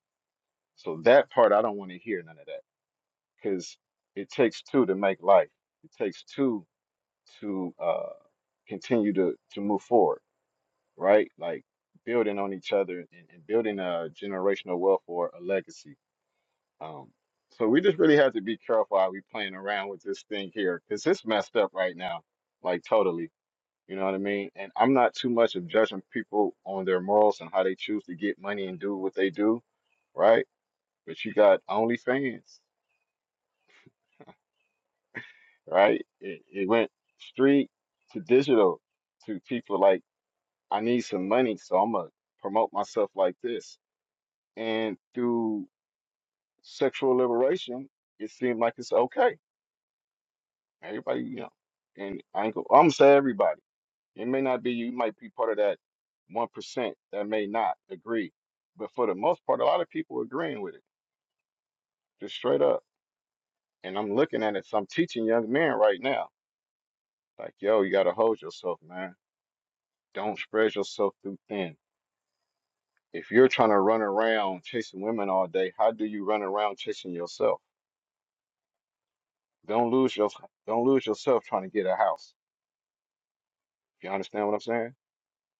So that part I don't want to hear none of that because it takes two to make life. It takes two to uh, continue to to move forward. right? Like building on each other and, and building a generational wealth or a legacy. Um, so we just really have to be careful how we playing around with this thing here because it's messed up right now, like totally. You know what I mean? And I'm not too much of judging people on their morals and how they choose to get money and do what they do, right? But you got OnlyFans, right? It, it went street to digital to people like I need some money, so I'm gonna promote myself like this and through sexual liberation, it seemed like it's okay. Everybody, you know, and I ain't go, I'm gonna say everybody. It may not be you, you might be part of that one percent that may not agree, but for the most part, a lot of people agreeing with it, just straight up. And I'm looking at it, so I'm teaching young men right now, like, yo, you gotta hold yourself, man. Don't spread yourself too thin. If you're trying to run around chasing women all day, how do you run around chasing yourself? Don't lose your, don't lose yourself trying to get a house You understand what I'm saying?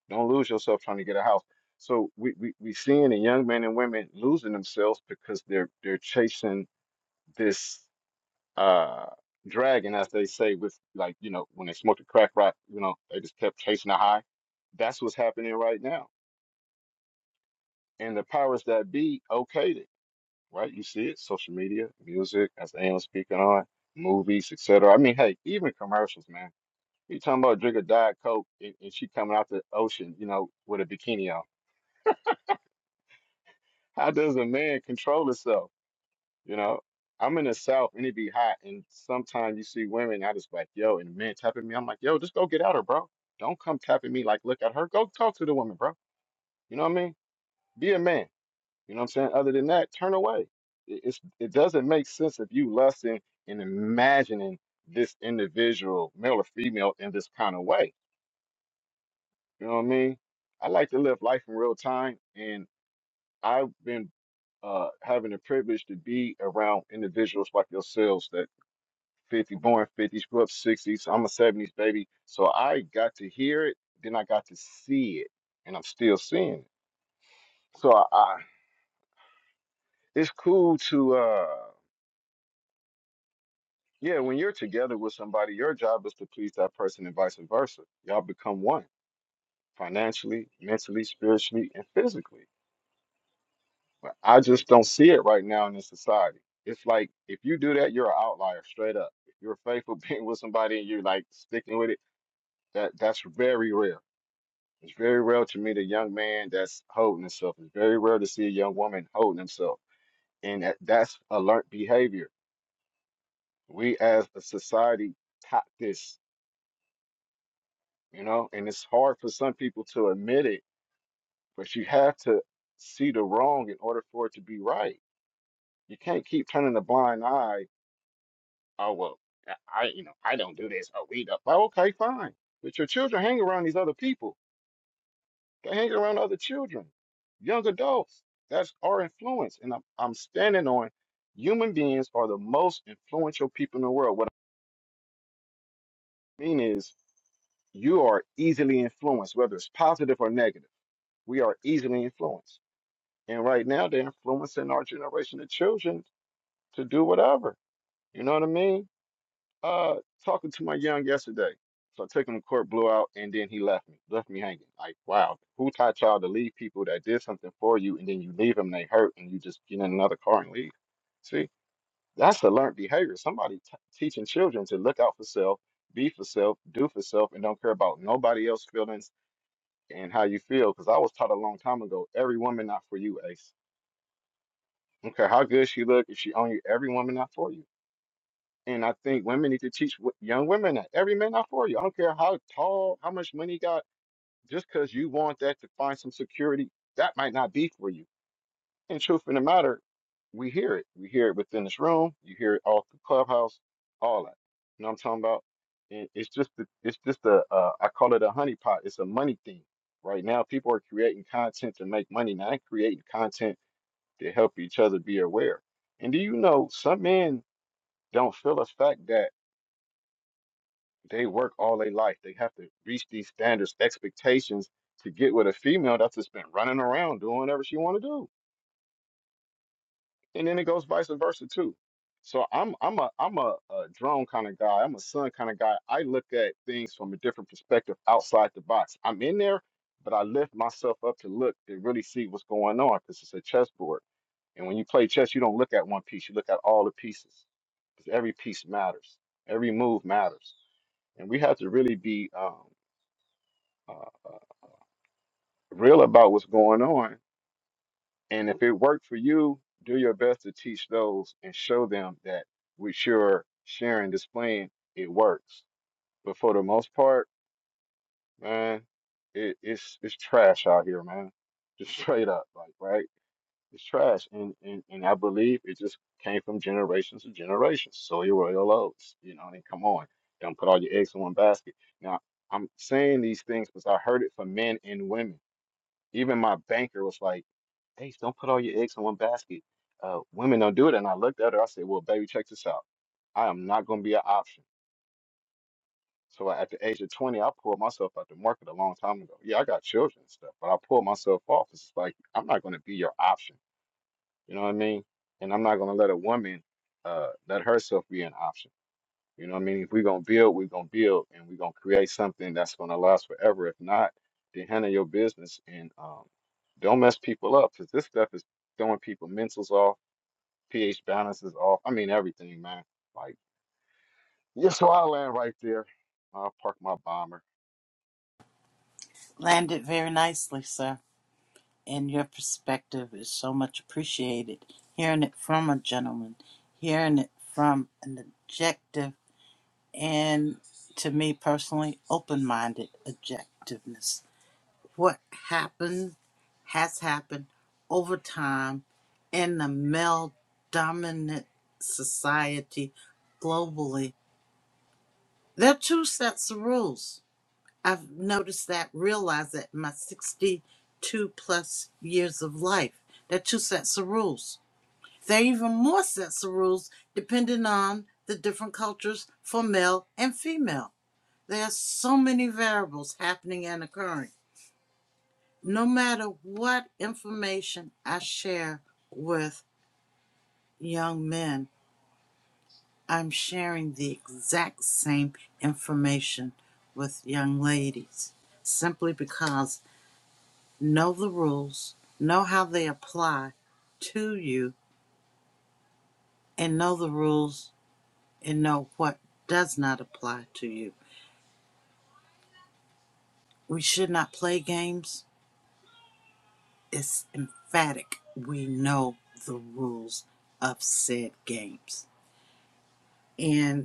Don't lose yourself trying to get a house. So we we we seeing the young men and women losing themselves because they're they're chasing this uh dragon, as they say, with like you know when they smoked the crack rock, you know they just kept chasing the high. That's what's happening right now, and the powers that be okayed it, right? You see it, social media, music, as AM was speaking on, movies, etc. I mean, hey, even commercials, man. You talking about drink a diet coke and, and she coming out the ocean, you know, with a bikini on How does a man control himself? You know, I'm in the South and it be hot, and sometimes you see women. I just like, yo, and the man tapping me. I'm like, yo, just go get out her, bro. Don't come tapping me like, look at her. Go talk to the woman, bro. You know what I mean? Be a man. You know what I'm saying? Other than that, turn away. It, it's it doesn't make sense if you lusting and imagining this individual, male or female, in this kind of way. You know what I mean? I like to live life in real time, and I've been uh, having the privilege to be around individuals like yourselves that 50, born 50s, grew up 60s. I'm a 70s baby. So I got to hear it, then I got to see it, and I'm still seeing it. So I, I it's cool to, uh, yeah, when you're together with somebody, your job is to please that person and vice versa. Y'all become one financially, mentally, spiritually, and physically. But I just don't see it right now in this society. It's like if you do that, you're an outlier straight up. If you're faithful being with somebody and you're like sticking with it, that that's very rare. It's very rare to meet a young man that's holding himself. It's very rare to see a young woman holding himself. And that, that's alert behavior. We as a society taught this, you know, and it's hard for some people to admit it, but you have to see the wrong in order for it to be right. You can't keep turning a blind eye oh well i you know i don't do this oh we don't well, okay fine but your children hang around these other people they hang around other children young adults that's our influence and i'm, I'm standing on human beings are the most influential people in the world what i mean is you are easily influenced whether it's positive or negative we are easily influenced and right now they're influencing our generation of children to do whatever you know what i mean Uh, talking to my young yesterday. So I took him to court, blew out, and then he left me, left me hanging. Like, wow, who taught y'all to leave people that did something for you, and then you leave them, they hurt, and you just get in another car and leave? See, that's a learned behavior. Somebody t teaching children to look out for self, be for self, do for self, and don't care about nobody else's feelings and how you feel. Because I was taught a long time ago, every woman not for you, Ace. I don't care how good she look, if she own you, every woman not for you. And I think women need to teach wo- young women that every man not for you. I don't care how tall, how much money you got, just because you want that to find some security, that might not be for you. And truth in the matter, we hear it. We hear it within this room. You hear it all through Clubhouse, all that. You know what I'm talking about? And it's just, the, it's just a, uh, I call it a honeypot. It's a money thing. Right now, people are creating content to make money, not creating content to help each other be aware. And do you know some men don't feel the fact that they work all their life. They have to reach these standards, expectations to get with a female that's just been running around doing whatever she want to do. And then it goes vice versa too. So I'm I'm a I'm a, a drone kind of guy. I'm a sun kind of guy. I look at things from a different perspective outside the box. I'm in there, but I lift myself up to look to really see what's going on because it's a chessboard. And when you play chess, you don't look at one piece, you look at all the pieces, because every piece matters, every move matters. And we have to really be um, uh, real about what's going on. And if it worked for you, do your best to teach those and show them that with your sharing, displaying, it works. But for the most part, man, it, it's it's trash out here, man. Just straight up, like right, it's trash. And and and I believe it just came from generations to generations. So your royal oats, you know. And come on, don't put all your eggs in one basket. Now I'm saying these things because I heard it from men and women Even my banker was like, Ace, don't put all your eggs in one basket. Uh, women don't do it. And I looked at her, I said, Well, baby, check this out. I am not going to be an option. So at the age of 20, I pulled myself out the market a long time ago. Yeah, I got children and stuff, but I pulled myself off. It's like, I'm not going to be your option. You know what I mean? And I'm not going to let a woman uh, let herself be an option. You know what I mean? If we're gonna build, we're gonna build and we're gonna create something that's gonna last forever. If not, then handle your business and um don't mess people up because this stuff is throwing people mentals off, pH balances off. I mean everything, man. Like yeah, so I land right there. I'll park my bomber. Landed very nicely, sir. And your perspective is so much appreciated. Hearing it from a gentleman, hearing it from an objective, and to me personally, open minded objectiveness. what happened has happened over time in the male dominant society globally. There are two sets of rules. I've noticed that, realized that in my 62 plus years of life. There are two sets of rules. There are even more sets of rules depending on the different cultures for male and female. There are so many variables happening and occurring no matter what information I share with young men, I'm sharing the exact same information with young ladies simply because know the rules, know how they apply to you, and know the rules and know what does not apply to you. We should not play games. It's emphatic. We know the rules of said games. And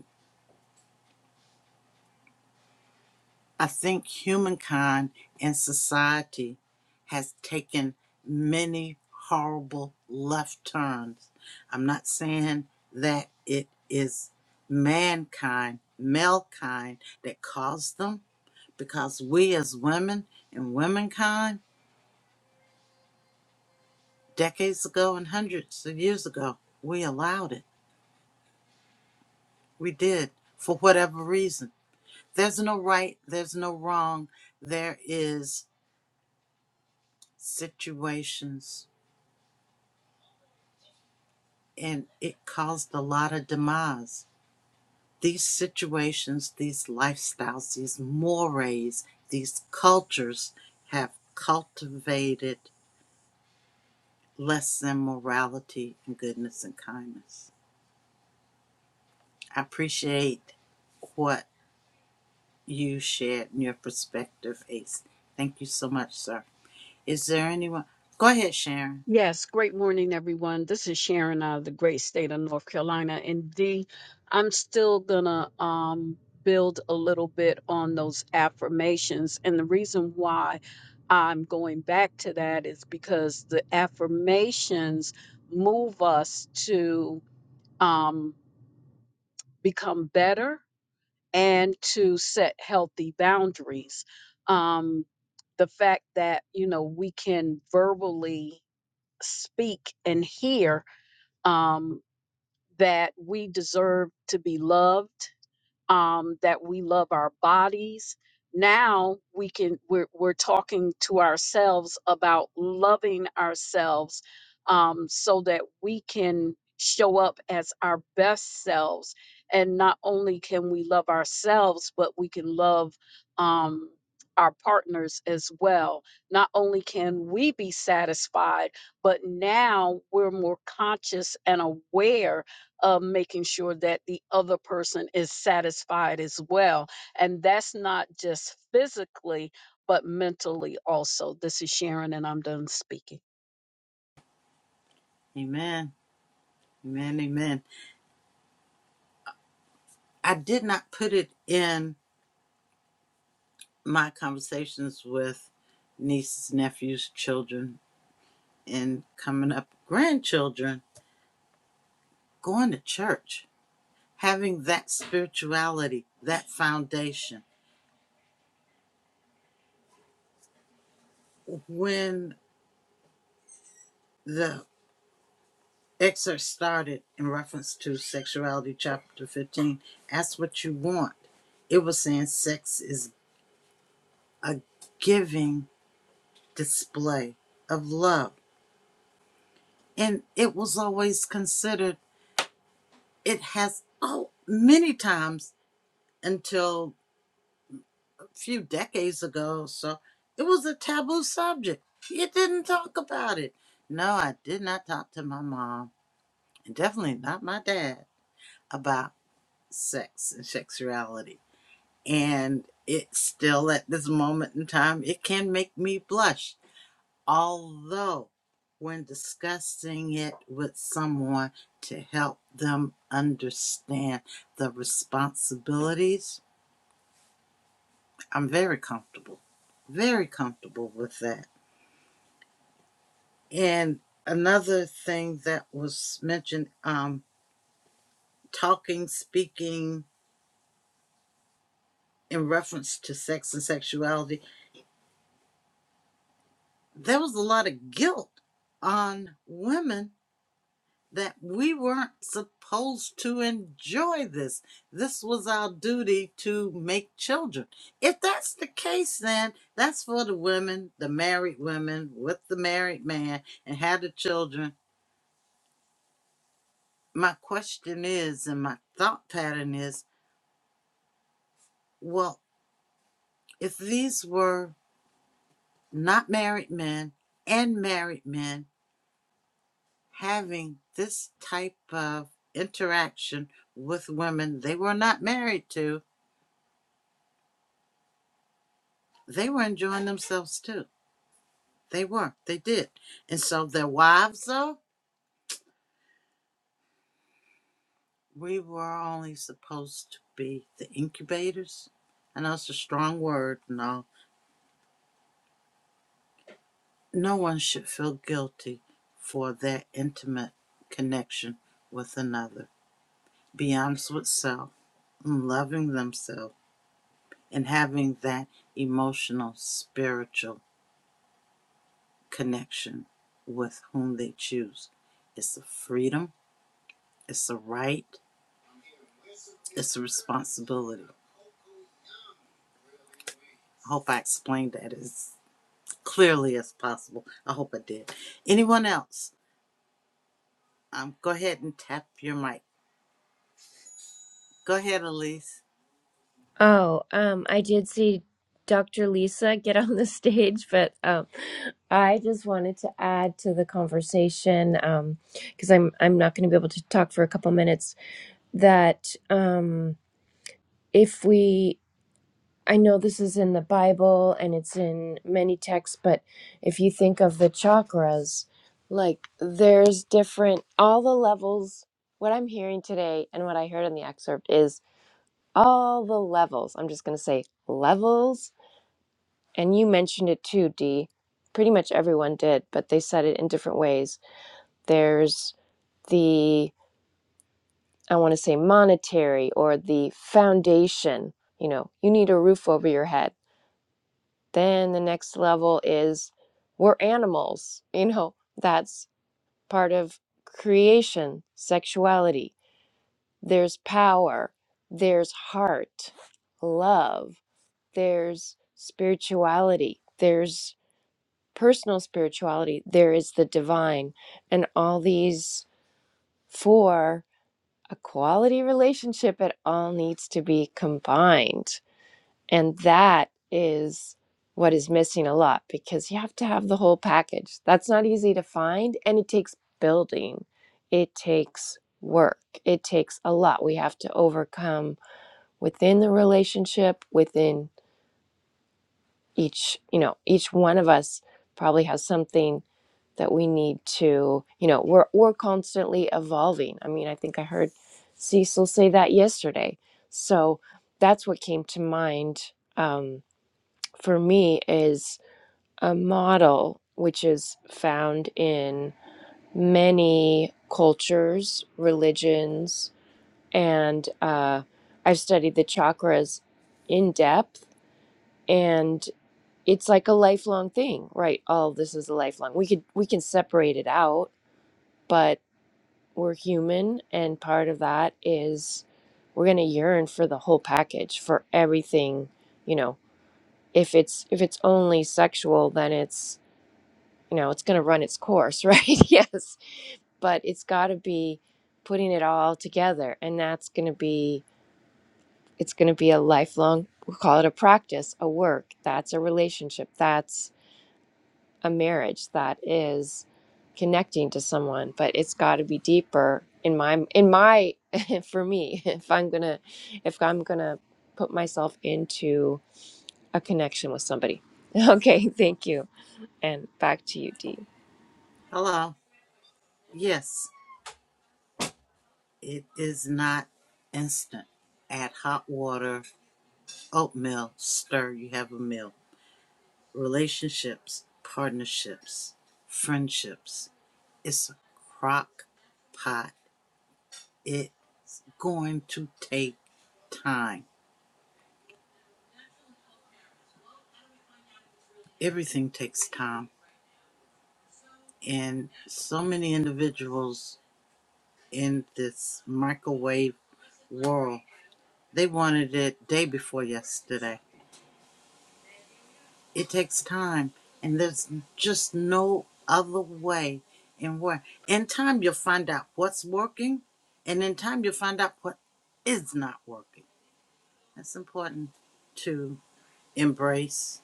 I think humankind and society has taken many horrible left turns. I'm not saying that it is mankind, malekind, that caused them, because we as women and womankind, decades ago and hundreds of years ago, we allowed it. We did, for whatever reason. There's no right, there's no wrong, there is situations and it caused a lot of demise. These situations, these lifestyles, these mores, these cultures have cultivated less than morality and goodness and kindness. I appreciate what you shared in your perspective, Ace. Thank you so much, sir. Is there anyone? Go ahead, Sharon. Yes, great morning, everyone. This is Sharon out of the great state of North Carolina. And D, I'm still gonna um build a little bit on those affirmations. And the reason why I'm going back to that is because the affirmations move us to um become better and to set healthy boundaries. Um the fact that, you know, we can verbally speak and hear um, that we deserve to be loved, um, that we love our bodies. Now we can we're we're talking to ourselves about loving ourselves um, so that we can show up as our best selves. And not only can we love ourselves, but we can love um, our partners as well. Not only can we be satisfied, but now we're more conscious and aware of making sure that the other person is satisfied as well. And that's not just physically, but mentally also. This is Sharon, and I'm done speaking. Amen. Amen. Amen. I did not put it in my conversations with nieces, nephews, children, and coming up grandchildren, going to church, having that spirituality, that foundation. When the excerpt started in reference to sexuality, chapter 15, ask what you want. It was saying sex is a giving display of love. And it was always considered, it has, oh, many times until a few decades ago. So it was a taboo subject. You didn't talk about it. No, I did not talk to my mom and definitely not my dad about sex and sexuality. And it still at this moment in time, it can make me blush. Although when discussing it with someone to help them understand the responsibilities I'm very comfortable, very comfortable with that. And another thing that was mentioned um, talking, speaking in reference to sex and sexuality, there was a lot of guilt on women that we weren't supposed to enjoy this. This was our duty to make children. If that's the case, then that's for the women, the married women with the married man and had the children my question is, and my thought pattern is, well, if these were not married men and married men having this type of interaction with women they were not married to, they were enjoying themselves too. They were, they did. And so their wives, though, we were only supposed to be the incubators. I know it's a strong word and all, No one should feel guilty for their intimate connection with another. Be honest with self, loving themselves, and having that emotional, spiritual connection with whom they choose. It's a freedom, it's a right, it's a responsibility. I hope I explained that as clearly as possible. I hope I did. Anyone else? Um, go ahead and tap your mic. Go ahead, Elise. Oh, um, I did see Dr. Lisa get on the stage, but um, I just wanted to add to the conversation um, because I'm I'm not going to be able to talk for a couple minutes. That um, if we I know this is in the Bible and it's in many texts, but if you think of the chakras, like there's different, all the levels. What I'm hearing today and what I heard in the excerpt is all the levels. I'm just going to say levels. And you mentioned it too, Dee. Pretty much everyone did, but they said it in different ways. There's the, I want to say monetary or the foundation. You know, you need a roof over your head Then the next level is we're animals. You know, that's part of creation, sexuality. There's power, there's heart, love, there's spirituality, there's personal spirituality, there is the divine. And all these for a quality relationship, it all needs to be combined And that is what is missing a lot because you have to have the whole package. That's not easy to find and it takes building, it takes work, it takes a lot. We have to overcome within the relationship, within each, you know, each one of us probably has something that we need to, you know, we're, we're constantly evolving. I mean, I think I heard Cecil say that yesterday. So that's what came to mind. Um, for me is a model which is found in many cultures, religions, and uh, I've studied the chakras in depth, and it's like a lifelong thing, right? All this is a lifelong. We could we can separate it out, but we're human, and part of that is we're gonna yearn for the whole package, for everything, you know. If it's if it's only sexual, then it's you know, it's going to run its course, right? yes. But it's got to be putting it all together. And that's going to be, it's going to be a lifelong, we'll call it a practice, a work. That's a relationship. That's a marriage. That is connecting to someone. But it's got to be deeper in my, in my, for me, if I'm going to, if I'm going to put myself into a connection with somebody. Okay. Thank you. And back to you, Dee. Hello. Yes. It is not instant. Add hot water, oatmeal, stir, you have a meal. Relationships, partnerships, friendships. It's a crock pot. It's going to take time. Everything takes time. And so many individuals in this microwave world, they wanted it day before yesterday It takes time, and there's just no other way And where. In time, you'll find out what's working, and in time, you'll find out what is not working. That's important to embrace,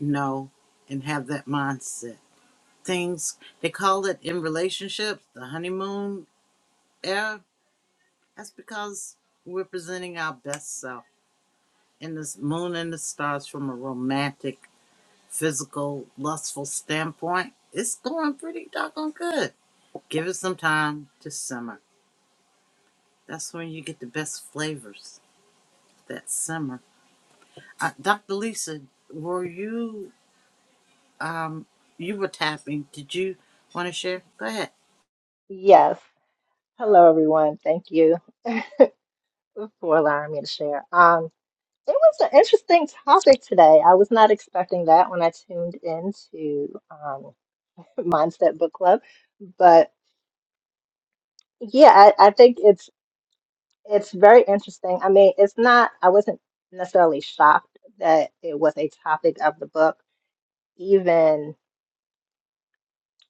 know, and have that mindset. Things they call it in relationships the honeymoon era. That's because we're presenting our best self in this moon and the stars from a romantic physical, lustful standpoint, it's going pretty doggone good. Give it some time to simmer. That's when you get the best flavors that simmer. Uh, Dr. Lisa, were you um you were tapping? Did you want to share? Go ahead. Yes. Hello, everyone. Thank you for allowing me to share. Um, it was an interesting topic today. I was not expecting that when I tuned into um, Mindset Book Club, but yeah, I, I think it's it's very interesting. I mean, it's not. I wasn't necessarily shocked that it was a topic of the book, even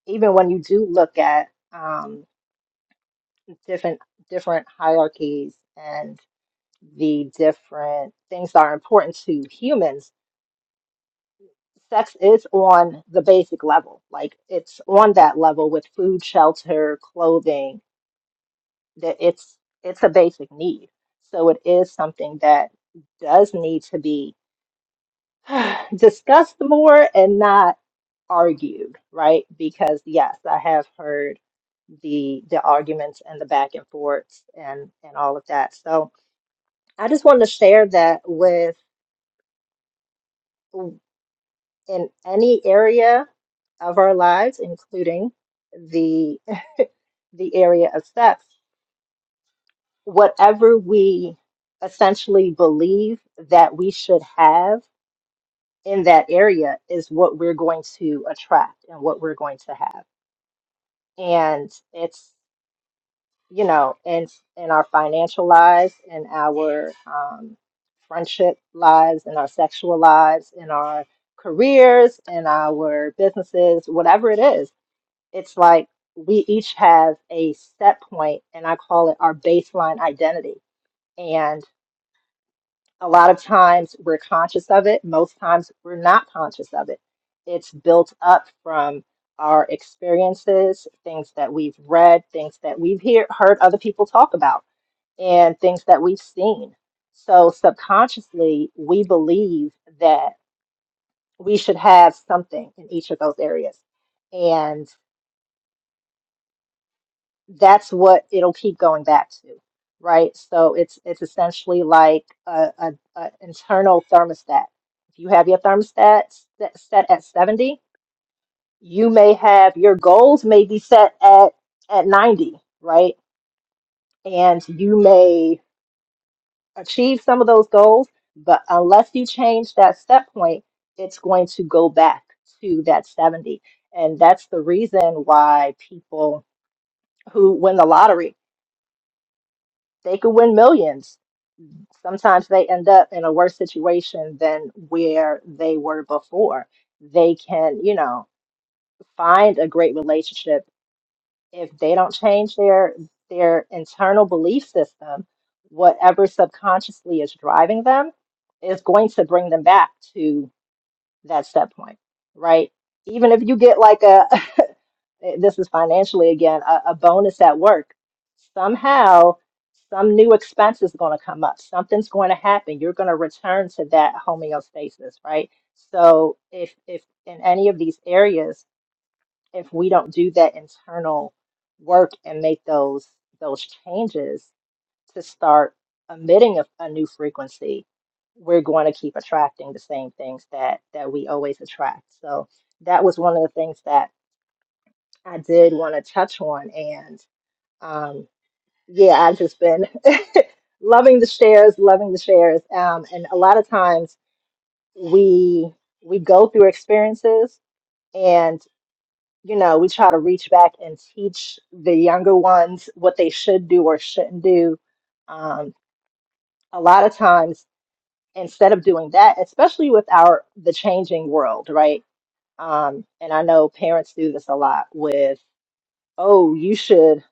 even when you do look at um, different different hierarchies the different things that are important to humans, sex is on the basic level. Like it's on that level with food, shelter, clothing, that it's it's a basic need. So it is something that does need to be discussed more and not argued, right? Because yes, I have heard the the arguments and the back and forths and and all of that. So I just wanted to share that with in any area of our lives, including the the area of sex, whatever we essentially believe that we should have in that area is what we're going to attract and what we're going to have. And it's, you know, in in our financial lives, in our um, friendship lives, in our sexual lives, in our careers, in our businesses, whatever it is it's like we each have a set point, and I call it our baseline identity. And a lot of times we're conscious of it, most times we're not conscious of it. It's built up from our experiences, things that we've read, things that we've hear, heard other people talk about, and things that we've seen. So subconsciously, we believe that we should have something in each of those areas. that's what it'll keep going back to, right? So it's it's essentially like a, a, a internal thermostat. If you have your thermostat set, set at 70, you may have your goals may be set at at 90, right? And you may achieve some of those goals, but unless you change that set point, it's going to go back to that 70. And that's the reason why people who win the lottery, they could win millions sometimes they end up in a worse situation than where they were before. They can, you know, find a great relationship if they don't change their their internal belief system, whatever subconsciously is driving them is going to bring them back to that's that point, right? Even if you get like a, this is financially again, a, a bonus at work, somehow some new expense is going to come up. Something's going to happen. You're going to return to that homeostasis, right? So if if in any of these areas, if we don't do that internal work and make those those changes, to start emitting a, a new frequency, we're going to keep attracting the same things that that we always attract. So that was one of the things that I did want to touch on. And um, yeah, I've just been loving the shares, loving the shares. Um, and a lot of times we we go through experiences and you know we try to reach back and teach the younger ones what they should do or shouldn't do um, a lot of times instead of doing that, especially with our the changing world, right? Um, and I know parents do this a lot with, oh, you should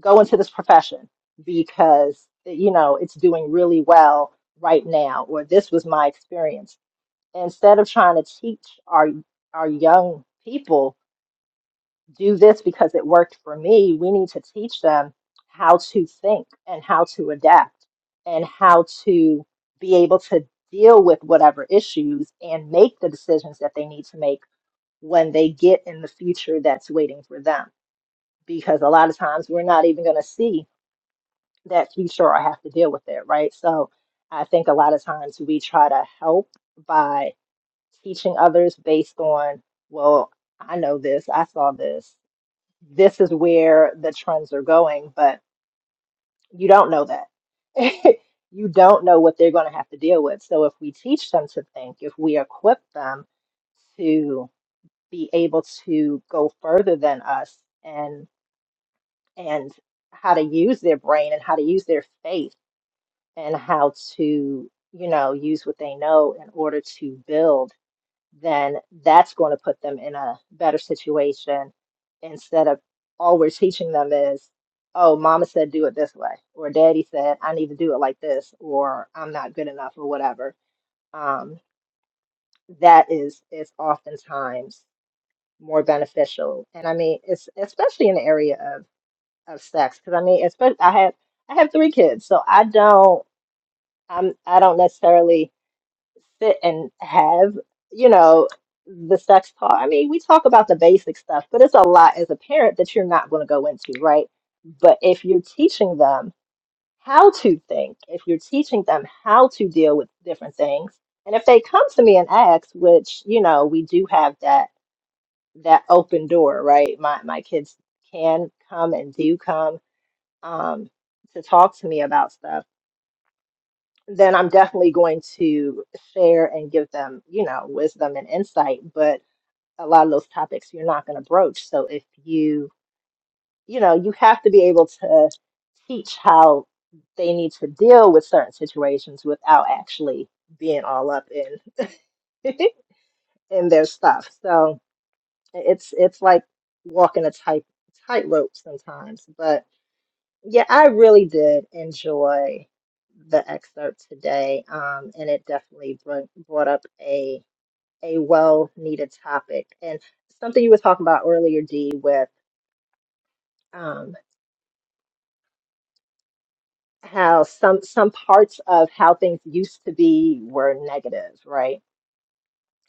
go into this profession because you know it's doing really well right now, or this was my experience. Instead of trying to teach our our young people do this because it worked for me. We need to teach them how to think and how to adapt and how to be able to deal with whatever issues and make the decisions that they need to make when they get in the future that's waiting for them. Because a lot of times we're not even going to see that future or have to deal with it, right? So I think a lot of times we try to help by teaching others based on, well, I know this, I saw this, this is where the trends are going, but you don't know that. You don't know what they're going to have to deal with. So if we teach them to think, if we equip them to be able to go further than us and and how to use their brain and how to use their faith and how to, you know, use what they know in order to build then that's going to put them in a better situation instead of all we're teaching them is, oh, mama said do it this way, or daddy said I need to do it like this, or I'm not good enough, or whatever. Um, that is is oftentimes more beneficial, and I mean, it's especially in the area of of sex, because I mean, especially I have I have three kids, so I don't I'm I don't necessarily. sit and have, you know, the sex talk. I mean, we talk about the basic stuff, but it's a lot as a parent that you're not going to go into, right? But if you're teaching them how to think, if you're teaching them how to deal with different things, and if they come to me and ask, which, you know, we do have that that open door, right? My my kids can come and do come um to talk to me about stuff then I'm definitely going to share and give them, you know, wisdom and insight. But a lot of those topics you're not going to broach. So if you, you know, you have to be able to teach how they need to deal with certain situations without actually being all up in in their stuff. So it's it's like walking a tight tightrope sometimes. But Yeah, I really did enjoy the excerpt today, um, and it definitely brought brought up a a well needed topic and something you were talking about earlier, Dee, with um, how some some parts of how things used to be were negative, right?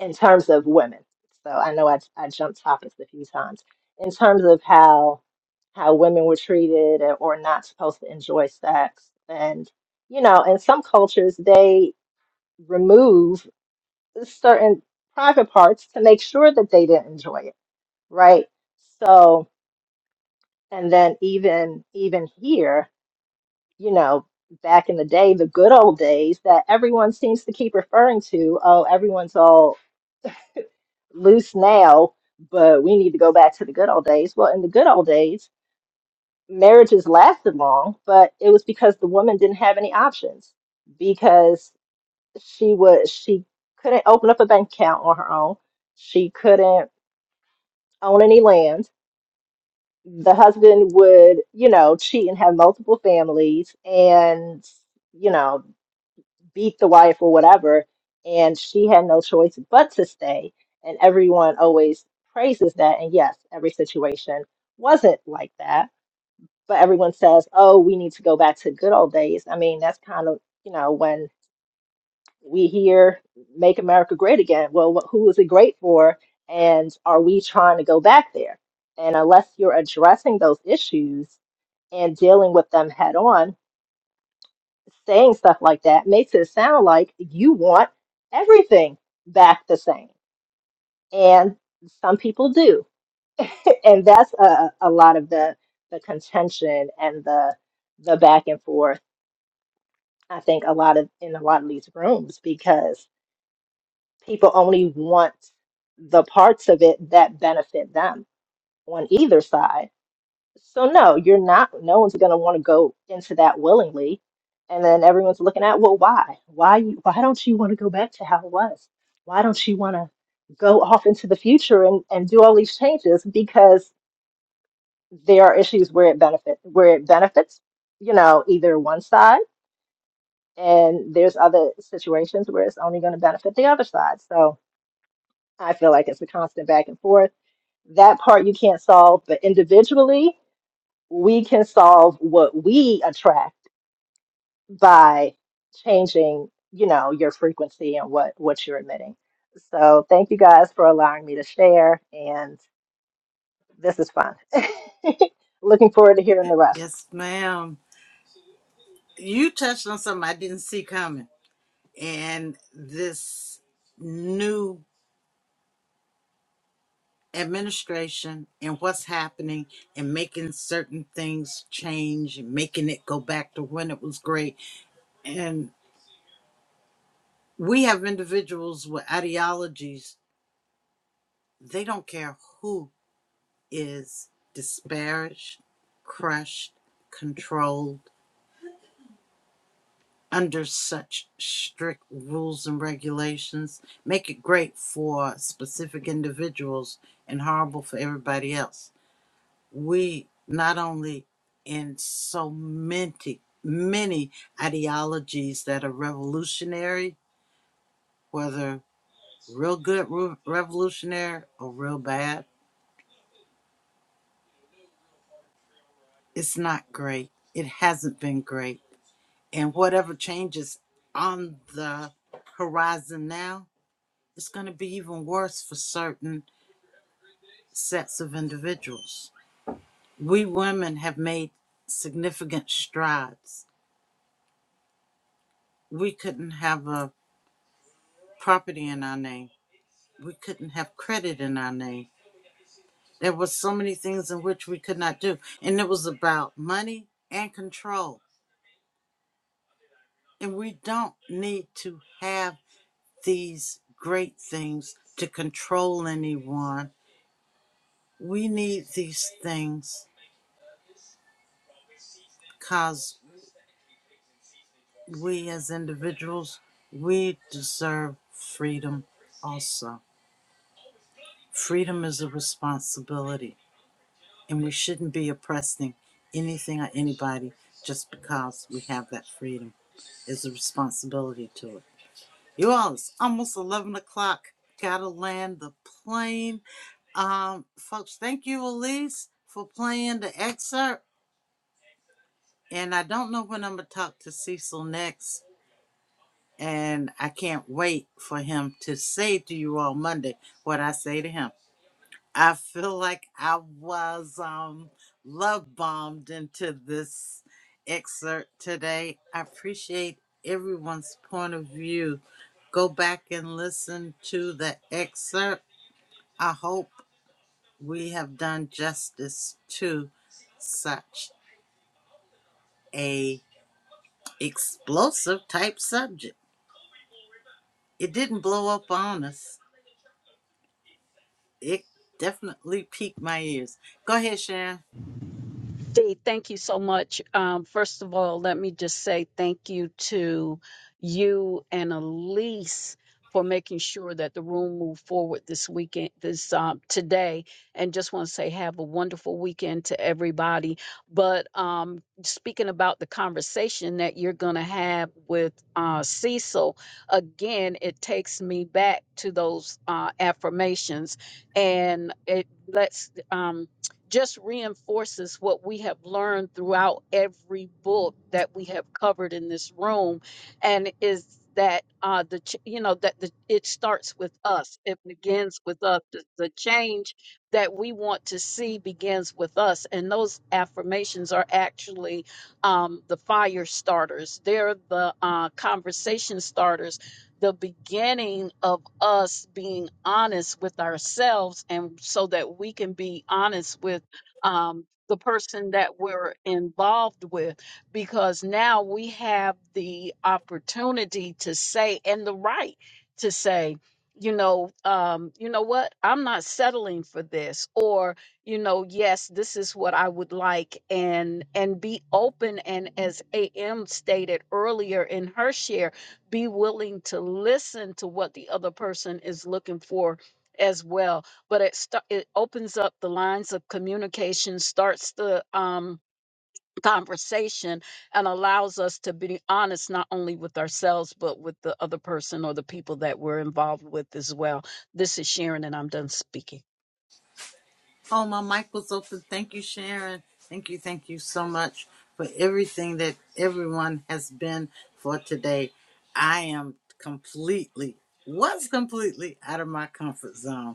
In terms of women. So I know I I jumped topics a few times in terms of how how women were treated or not supposed to enjoy sex and you know, in some cultures, they remove certain private parts to make sure that they didn't enjoy it right so and then even even here you know back in the day the good old days that everyone seems to keep referring to oh everyone's all loose now but we need to go back to the good old days well in the good old days marriages lasted long but it was because the woman didn't have any options because she was she couldn't open up a bank account on her own she couldn't own any land. The husband would, you know, cheat and have multiple families and, you know, beat the wife or whatever. And she had no choice but to stay. And everyone always praises that. And yes, every situation wasn't like that. But everyone says, oh, we need to go back to good old days. I mean, that's kind of, you know, when we hear make america great again well wh- who is it great for and are we trying to go back there and unless you're addressing those issues and dealing with them head on saying stuff like that makes it sound like you want everything back the same and some people do and that's a, a lot of the the contention and the the back and forth i think a lot of in a lot of these rooms because people only want the parts of it that benefit them on either side. So no, you're not no one's going to want to go into that willingly. And then everyone's looking at, well, why? Why you why don't you want to go back to how it was? Why don't you want to go off into the future and, and do all these changes? Because there are issues where it benefit where it benefits, you know, either one side and there's other situations where it's only going to benefit the other side. So I feel like it's a constant back and forth. That part you can't solve, but individually, we can solve what we attract by changing, you know, your frequency and what what you're emitting. So, thank you guys for allowing me to share, and this is fun. Looking forward to hearing the rest. Yes, ma'am. You touched on something I didn't see coming, and this new administration and what's happening and making certain things change and making it go back to when it was great. And we have individuals with ideologies, they don't care who is disparaged, crushed, controlled under such strict rules and regulations, make it great for specific individuals and horrible for everybody else. we not only in so many many ideologies that are revolutionary whether real good re- revolutionary or real bad it's not great it hasn't been great and whatever changes on the horizon now it's going to be even worse for certain sets of individuals we women have made significant strides we couldn't have a property in our name we couldn't have credit in our name. There were so many things in which we could not do. And it was about money and control. And we don't need to have these great things to control anyone. We need these things because we as individuals, we deserve freedom also. Freedom is a responsibility, and we shouldn't be oppressing anything or anybody just because we have that freedom. is a responsibility to it. You all, it's almost 11 o'clock. Gotta land the plane. Um, folks, thank you, Elise, for playing the excerpt. And I don't know when I'm gonna talk to Cecil next. And I can't wait for him to say to you all Monday what I say to him. I feel like I was um love bombed into this excerpt today. I appreciate everyone's point of view. Go back and listen to the excerpt. I hope we have done justice to such a explosive type subject. It didn't blow up on us. It definitely piqued my ears. Go ahead, Sharon. Dee, thank you so much. Um, first of all, let me just say thank you to you and Elise for making sure that the room moved forward this weekend, this um, today. And just want to say, have a wonderful weekend to everybody. But um, speaking about the conversation that you're going to have with uh, Cecil, again, it takes me back to those uh, affirmations, and it lets. Um, just reinforces what we have learned throughout every book that we have covered in this room and is that uh the ch- you know that the it starts with us it begins with us the, the change that we want to see begins with us and those affirmations are actually um the fire starters they're the uh conversation starters the beginning of us being honest with ourselves and so that we can be honest with um, the person that we're involved with because now we have the opportunity to say and the right to say you know um you know what i'm not settling for this or you know yes this is what i would like and and be open and as am stated earlier in her share be willing to listen to what the other person is looking for as well but it sta- it opens up the lines of communication starts the um conversation and allows us to be honest not only with ourselves but with the other person or the people that we're involved with as well this is sharon and i'm done speaking Oh, my mic was open. Thank you, Sharon. Thank you, thank you so much for everything that everyone has been for today. I am completely, was completely out of my comfort zone.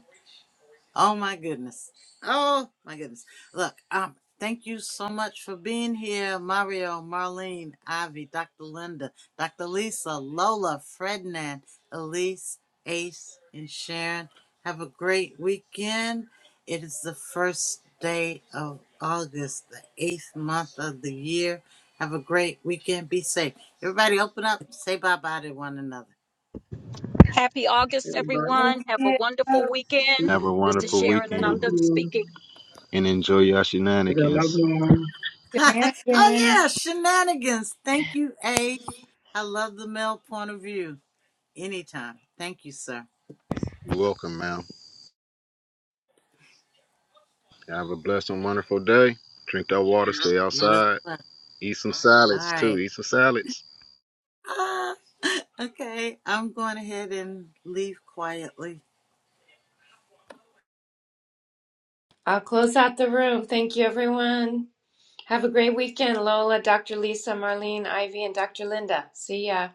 Oh my goodness. Oh my goodness. Look, um, thank you so much for being here, Mario, Marlene, Ivy, Dr. Linda, Dr. Lisa, Lola, Frednan, Elise, Ace, and Sharon. Have a great weekend. It is the first day of August, the eighth month of the year. Have a great weekend. Be safe. Everybody open up, say bye bye to one another. happy august everybody. everyone have a wonderful weekend Thank Have a this is you. wonderful sharon and Thank i'm weekend done you speaking and enjoy your for the loved shenanigans. ones. oh yeah, shenanigans. Thank you, Ace. I love the male point of view. Anytime. Thank you, sir. You're welcome, man. Have a blessed and wonderful day. Drink that water, stay You as outside, well. eat some All salads too. right. Eat some salads. Ah, okay, I'm going ahead and leave quietly. I'll close out the room. Thank you, everyone. Have a great weekend, Lola, Dr. Lisa, Marlene, Ivy, and Dr. Linda. See ya.